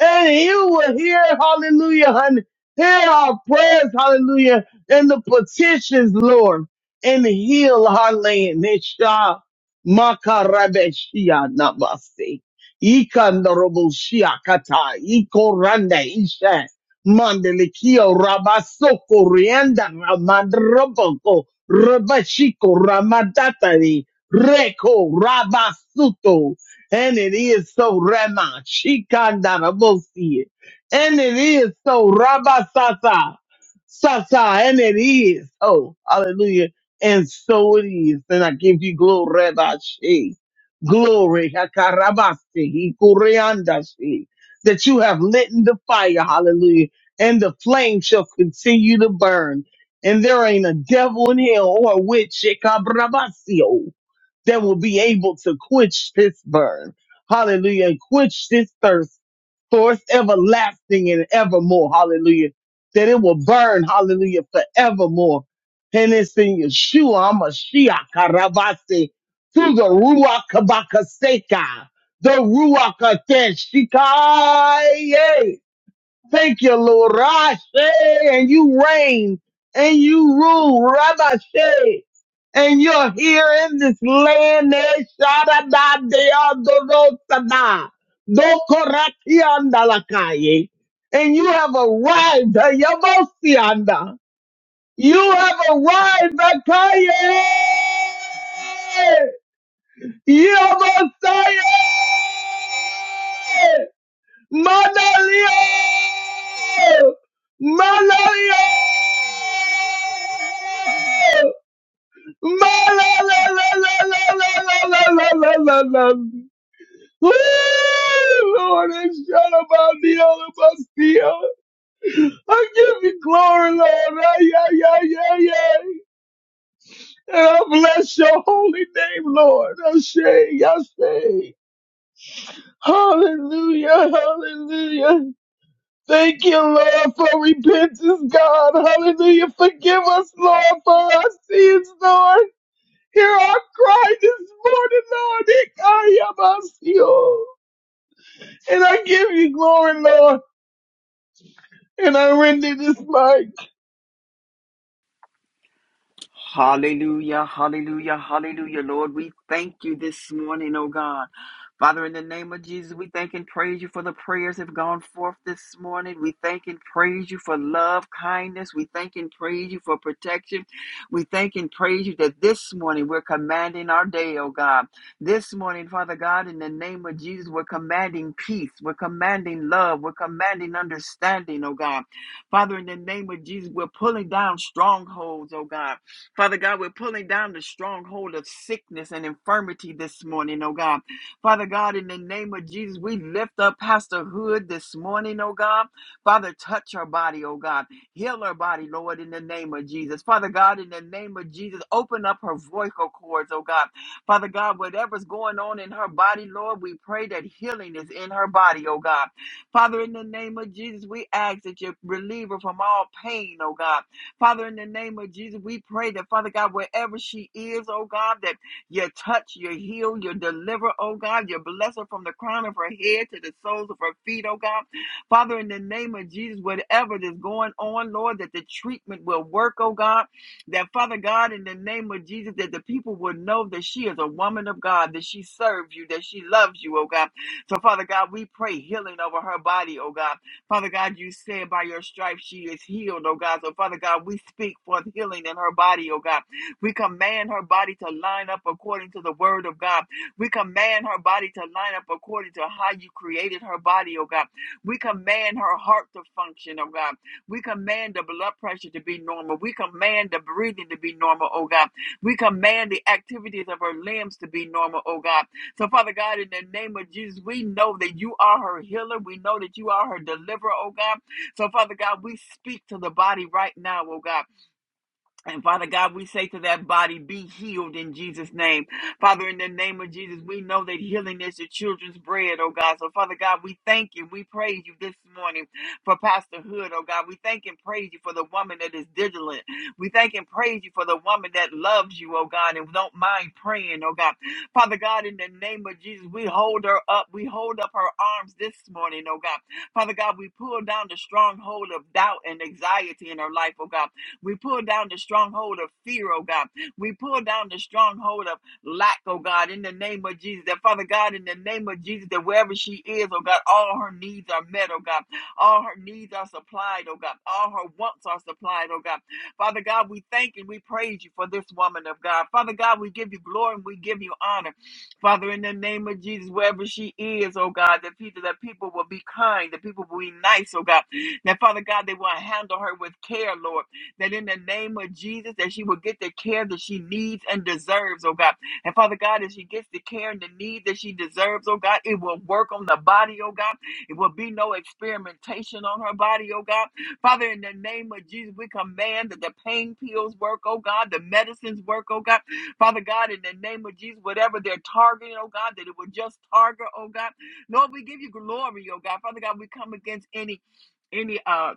[SPEAKER 3] and you will hear, hallelujah, honey, hear our prayers, hallelujah, and the petitions, Lord, and heal our land. Nesha makarabeshia namaste. Ikandoroboshia kata, ikoranda isha, mandelikio rabasoko rienda ramandroboko, rabashiko ramadatari, Reko Rabasuto. And it is so Rema. Shikandarabosi. And it is so Rabasata. Sata. And it is. Oh, hallelujah. And so it is. And I give you glory, Rabashi. Glory. Hakarabasi. Hikureandashi. That you have lit in the fire. Hallelujah. And the flame shall continue to burn and there ain't a devil in hell or a witch, Shekabrabasio, that will be able to quench this burn. Hallelujah. And quench this thirst for everlasting and evermore. Hallelujah. That it will burn. Hallelujah. Forevermore. And it's in Yeshua, Hamashiach, Karabasi, through the Ruach Kabakaseka, the Ruach Ateshika, Thank you, Lord. Rashe, and you reign and you rule, Rabashe, and you're here in this land. Eh, Sharada de Adorosada, Dokoratiandalakaye. And you have arrived, eh, Yabosianda. You have arrived, Akaye. Yabosaye. Manalio, Manalio, Mother Lord, it's not about the all of us here. I give you glory, Lord. Ay, ay, ay, ay, ay. And I bless your holy name, Lord. I say, I say, hallelujah, hallelujah. Thank you, Lord, for repentance, God. Hallelujah. Forgive us, Lord, for our sins, Lord. Hear our cry this morning, Lord. Ikayabasio. And I give you glory, Lord. And I render this mic.
[SPEAKER 4] Hallelujah, hallelujah, hallelujah. Lord, we thank you this morning, oh God. Father, in the name of Jesus, we thank and praise you for the prayers that have gone forth this morning. We thank and praise you for love, kindness. We thank and praise you for protection. We thank and praise you that this morning we're commanding our day, oh God. This morning, Father God, in the name of Jesus, we're commanding peace. We're commanding love. We're commanding understanding, oh God. Father, in the name of Jesus, we're pulling down strongholds, oh God. Father God, we're pulling down the stronghold of sickness and infirmity this morning, oh God. Father God, in the name of Jesus, we lift up Pastor Hood this morning, oh God. Father, touch her body, oh God. Heal her body, Lord, in the name of Jesus. Father God, in the name of Jesus, open up her vocal cords, oh God. Father God, whatever's going on in her body, Lord, we pray that healing is in her body, oh God. Father, in the name of Jesus, we ask that you relieve her from all pain, oh God. Father, in the name of Jesus, we pray that, Father God, wherever she is, oh God, that you touch, you heal, you deliver, oh God, you bless her from the crown of her head to the soles of her feet, oh God. Father, in the name of Jesus, whatever is going on, Lord, that the treatment will work, oh God. That, Father God, in the name of Jesus, that the people will know that she is a woman of God, that she serves you, that she loves you, oh God. So, Father God, we pray healing over her body, oh God. Father God, you said by your stripes she is healed, oh God. So, Father God, we speak forth healing in her body, oh God. We command her body to line up according to the word of God. We command her body to line up according to how you created her body, oh God. We command her heart to function, oh God. We command the blood pressure to be normal. We command the breathing to be normal, oh God. We command the activities of her limbs to be normal, oh God. So, Father God, in the name of Jesus, we know that you are her healer. We know that you are her deliverer, oh God. So, Father God, we speak to the body right now, oh God. And Father God, we say to that body, be healed in Jesus' name. Father, in the name of Jesus, we know that healing is the children's bread, oh God. So, Father God, we thank you. We praise you this morning for Pastor Hood, oh God. We thank and praise you for the woman that is diligent. We thank and praise you for the woman that loves you, oh God, and don't mind praying, oh God. Father God, in the name of Jesus, we hold her up. We hold up her arms this morning, oh God. Father God, we pull down the stronghold of doubt and anxiety in her life, oh God. We pull down the stronghold of fear, oh God. We pull down the stronghold of lack, oh God, in the name of Jesus. That Father God, in the name of Jesus, that wherever she is, oh God, all her needs are met, oh God. All her needs are supplied, oh God. All her wants are supplied, oh God. Father God, we thank and we praise you for this woman of God. Father God, we give you glory and we give you honor. Father, in the name of Jesus, wherever she is, oh God, that people that people will be kind, that people will be nice, oh God. That Father God, they will handle her with care, Lord that in the name of Jesus, that she will get the care that she needs and deserves, oh God. And Father God, as she gets the care and the need that she deserves, oh God, it will work on the body, oh God. It will be no experimentation on her body, oh God. Father, in the name of Jesus, we command that the pain pills work, oh God, the medicines work, oh God. Father God, in the name of Jesus, whatever they're targeting, oh God, that it will just target, oh God. Lord, we give you glory, oh God. Father God, we come against any any uh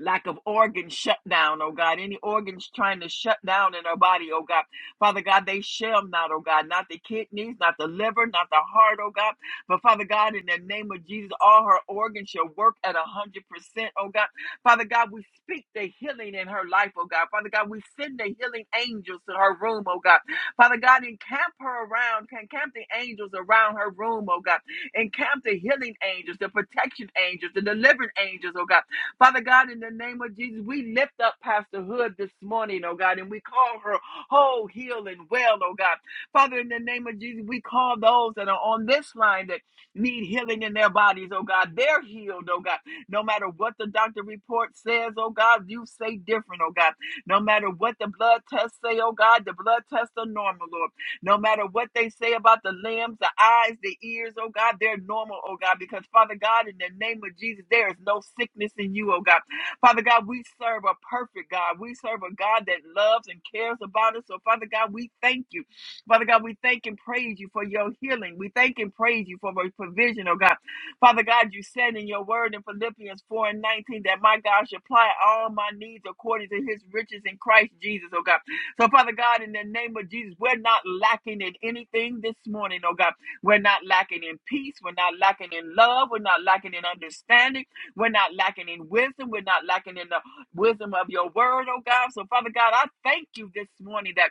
[SPEAKER 4] lack of organ shutdown, oh God. Any organs trying to shut down in our body, oh God. Father God, they shall not, oh God. Not the kidneys, not the liver, not the heart, oh God. But Father God, in the name of Jesus, all her organs shall work at a 100%, oh God. Father God, we speak the healing in her life, oh God. Father God, we send the healing angels to her room, oh God. Father God, encamp her around, encamp the angels around her room, oh God. Encamp the healing angels, the protection angels, the delivering angels, oh God. Father God, in the name of Jesus, we lift up Pastor Hood this morning, oh God, and we call her whole, heal, and well, oh God. Father, in the name of Jesus, we call those that are on this line that need healing in their bodies, oh God. They're healed, oh God. No matter what the doctor report says, oh God, you say different, oh God. No matter what the blood tests say, oh God, the blood tests are normal, Lord. No matter what they say about the limbs, the eyes, the ears, oh God, they're normal, oh God, because Father God, in the name of Jesus, there is no sickness in you, oh God. Father God, we serve a perfect God. We serve a God that loves and cares about us. So, Father God, we thank you. Father God, we thank and praise you for your healing. We thank and praise you for your provision, oh God. Father God, you said in your word in Philippians 4 and 19 that my God should apply all my needs according to his riches in Christ Jesus, oh God. So, Father God, in the name of Jesus, we're not lacking in anything this morning, oh God. We're not lacking in peace. We're not lacking in love. We're not lacking in understanding. We're not lacking in wisdom. We're not lacking in the wisdom of your word, oh God. So, Father God, I thank you this morning that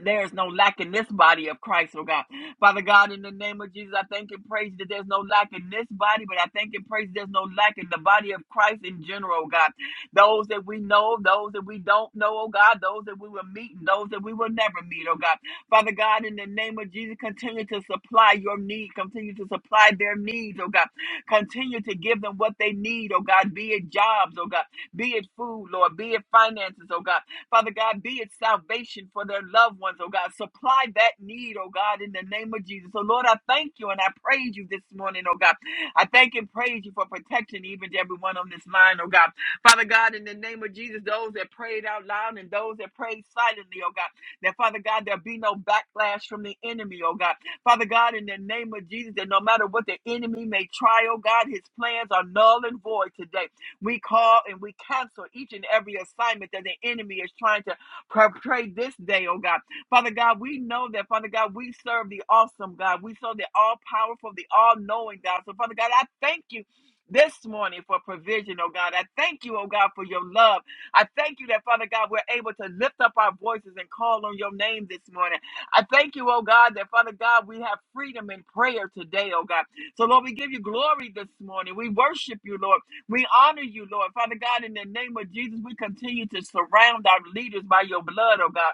[SPEAKER 4] there is no lack in this body of Christ, oh God. Father God, in the name of Jesus, I thank and praise that there's no lack in this body, but I thank and praise there's no lack in the body of Christ in general, oh God. Those that we know, those that we don't know, oh God, those that we will meet, and those that we will never meet, oh God. Father God, in the name of Jesus, continue to supply your need, continue to supply their needs, oh God. Continue to give them what they need, oh God, be it jobs, oh God, be it food, Lord, be it finances, oh God. Father God, be it salvation for their loved ones, oh God. Supply that need, oh God, in the name of Jesus. So, Lord, I thank you and I praise you this morning, oh God. I thank and praise you for protection, even to everyone on this line, oh God. Father God, in the name of Jesus, those that prayed out loud and those that prayed silently, oh God, that Father God, there'll be no backlash from the enemy, oh God. Father God, in the name of Jesus, that no matter what the enemy may try, oh God, his plans are null and void today. We call and we cancel each and every assignment that the enemy is trying to portray this day, oh God. Father God, we know that, Father God, we serve the awesome God. We serve the all powerful, the all knowing God. So, Father God, I thank you. This morning for provision, oh God. I thank you, oh God, for your love. I thank you that, Father God, we're able to lift up our voices and call on your name this morning. I thank you, oh God, that, Father God, we have freedom in prayer today, oh God. So, Lord, we give you glory this morning. We worship you, Lord. We honor you, Lord. Father God, in the name of Jesus, we continue to surround our leaders by your blood, oh God.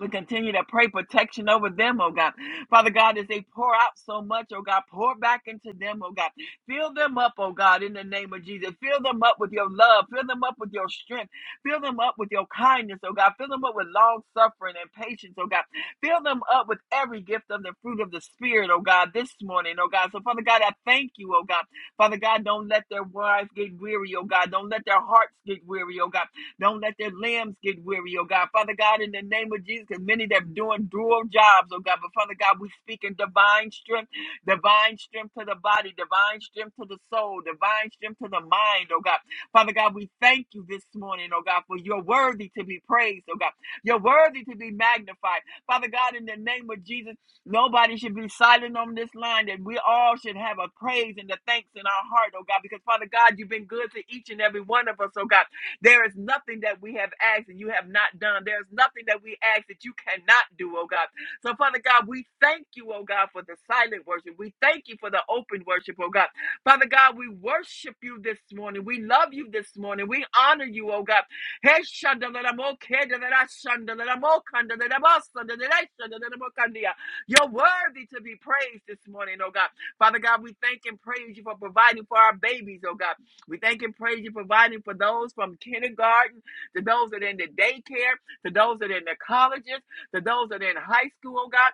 [SPEAKER 4] We continue to pray protection over them, oh God. Father God, as they pour out so much, oh God, pour back into them, oh God. Fill them up, oh God, in the name of Jesus. Fill them up with your love. Fill them up with your strength. Fill them up with your kindness, oh God. Fill them up with long suffering and patience, oh God. Fill them up with every gift of the fruit of the Spirit, oh God, this morning, oh God. So, Father God, I thank you, oh God. Father God, don't let their wives get weary, oh God. Don't let their hearts get weary, oh God. Don't let their limbs get weary, oh God. Father God, in the name of Jesus, because many that are doing dual jobs, oh God. But Father God, we speak in divine strength, divine strength to the body, divine strength to the soul, divine strength to the mind, oh God. Father God, we thank you this morning, oh God, for you're worthy to be praised, oh God. You're worthy to be magnified. Father God, in the name of Jesus, nobody should be silent on this line, that we all should have a praise and a thanks in our heart, oh God, because Father God, you've been good to each and every one of us, oh God. There is nothing that we have asked and you have not done. There is nothing that we ask that you cannot do, oh God. So, Father God, we thank you, oh God, for the silent worship. We thank you for the open worship, oh God. Father God, we worship you this morning. We love you this morning. We honor you, oh God. Hey, shandalaramo, kedalara, shandalaramo, kandalaramo, sandalara, shandalaramo, kandia. You're worthy to be praised this morning, oh God. Father God, we thank and praise you for providing for our babies, oh God. We thank and praise you providing for those from kindergarten to those that are in the daycare, to those that are in the colleges, to those that are in high school, oh God.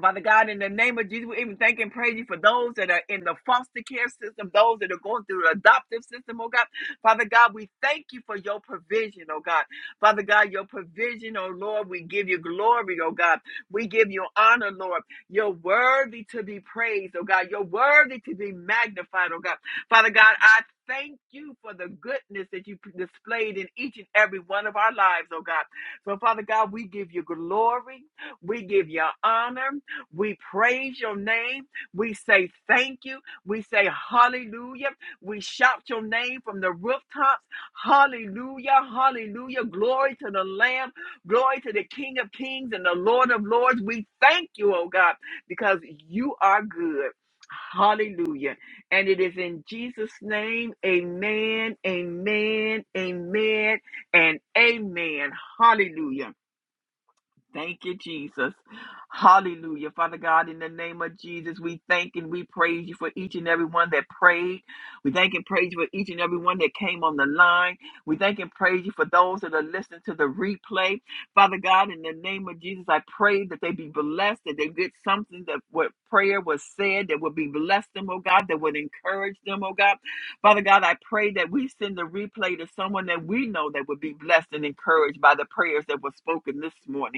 [SPEAKER 4] Father God, in the name of Jesus, we even thank and praise you for those that are in the foster care system, those that are going through the adoptive system, oh God. Father God, we thank you for your provision, oh God. Father God, your provision, oh Lord, we give you glory, oh God. We give you honor, Lord. You're worthy to be praised, oh God. You're worthy to be magnified, oh God. Father God, I thank you for the goodness that you displayed in each and every one of our lives, oh God. So, Father God, we give you glory. We give you honor. We praise your name. We say thank you. We say hallelujah. We shout your name from the rooftops. Hallelujah. Hallelujah. Glory to the Lamb. Glory to the King of Kings and the Lord of Lords. We thank you, oh God, because you are good. Hallelujah. And it is in Jesus' name. Amen. Amen. Amen. And amen. Hallelujah. Thank you, Jesus. Hallelujah. Father God, in the name of Jesus, we thank and we praise you for each and every one that prayed. We thank and praise you for each and every one that came on the line. We thank and praise you for those that are listening to the replay. Father God, in the name of Jesus, I pray that they be blessed, that they get something that what prayer was said that would be blessed them, oh God, that would encourage them, oh God. Father God, I pray that we send the replay to someone that we know that would be blessed and encouraged by the prayers that were spoken this morning.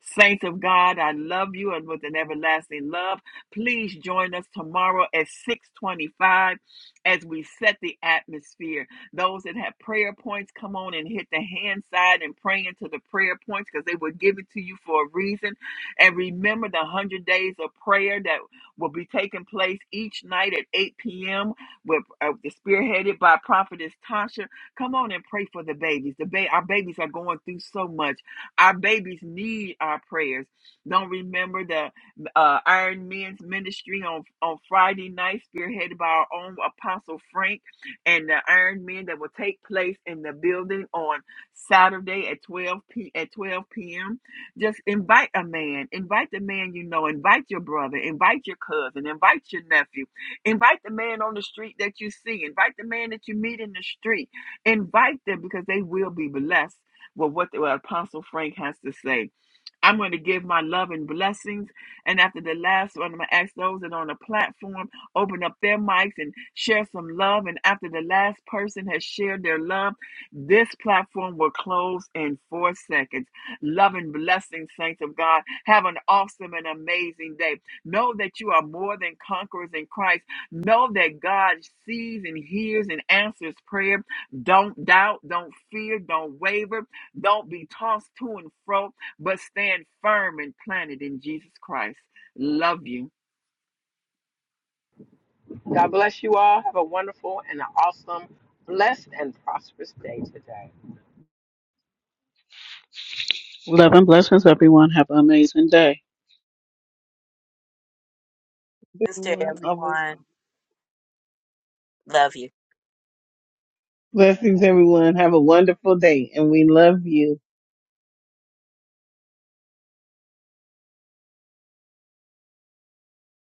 [SPEAKER 4] Saints of God, I love you and with an everlasting love. Please join us tomorrow at 625 as we set the atmosphere. Those that have prayer points, come on and hit the hand side and pray into the prayer points because they will give it to you for a reason. And remember the 100 days of prayer that will be taking place each night at 8 p.m. with uh, spearheaded by Prophetess Tasha. Come on and pray for the babies. The ba- our babies are going through so much. Our babies need our prayers. Don't remember the uh, Iron Men's ministry on, on Friday night, spearheaded by our own Apostle Frank, and the Iron Men that will take place in the building on Saturday at 12 p at 12 p.m. Just invite a man, invite the man you know, invite your brother, invite your cousin, invite your nephew, invite the man on the street that you see, invite the man that you meet in the street, invite them because they will be blessed with what, the, what Apostle Frank has to say. I'm going to give my love and blessings. And after the last one, I'm going to ask those that are on the platform, open up their mics and share some love. And after the last person has shared their love, this platform will close in four seconds. Love and blessings, saints of God. Have an awesome and amazing day. Know that you are more than conquerors in Christ. Know that God sees and hears and answers prayer. Don't doubt, don't fear, don't waver, don't be tossed to and fro but stand firm and planted in Jesus Christ. Love you.
[SPEAKER 1] God bless you all. Um, bless
[SPEAKER 5] Love and blessings, everyone. Have an amazing day.
[SPEAKER 3] Everyone, obviously.
[SPEAKER 2] Love you.
[SPEAKER 3] Blessings, everyone. Have a wonderful day, and we love you.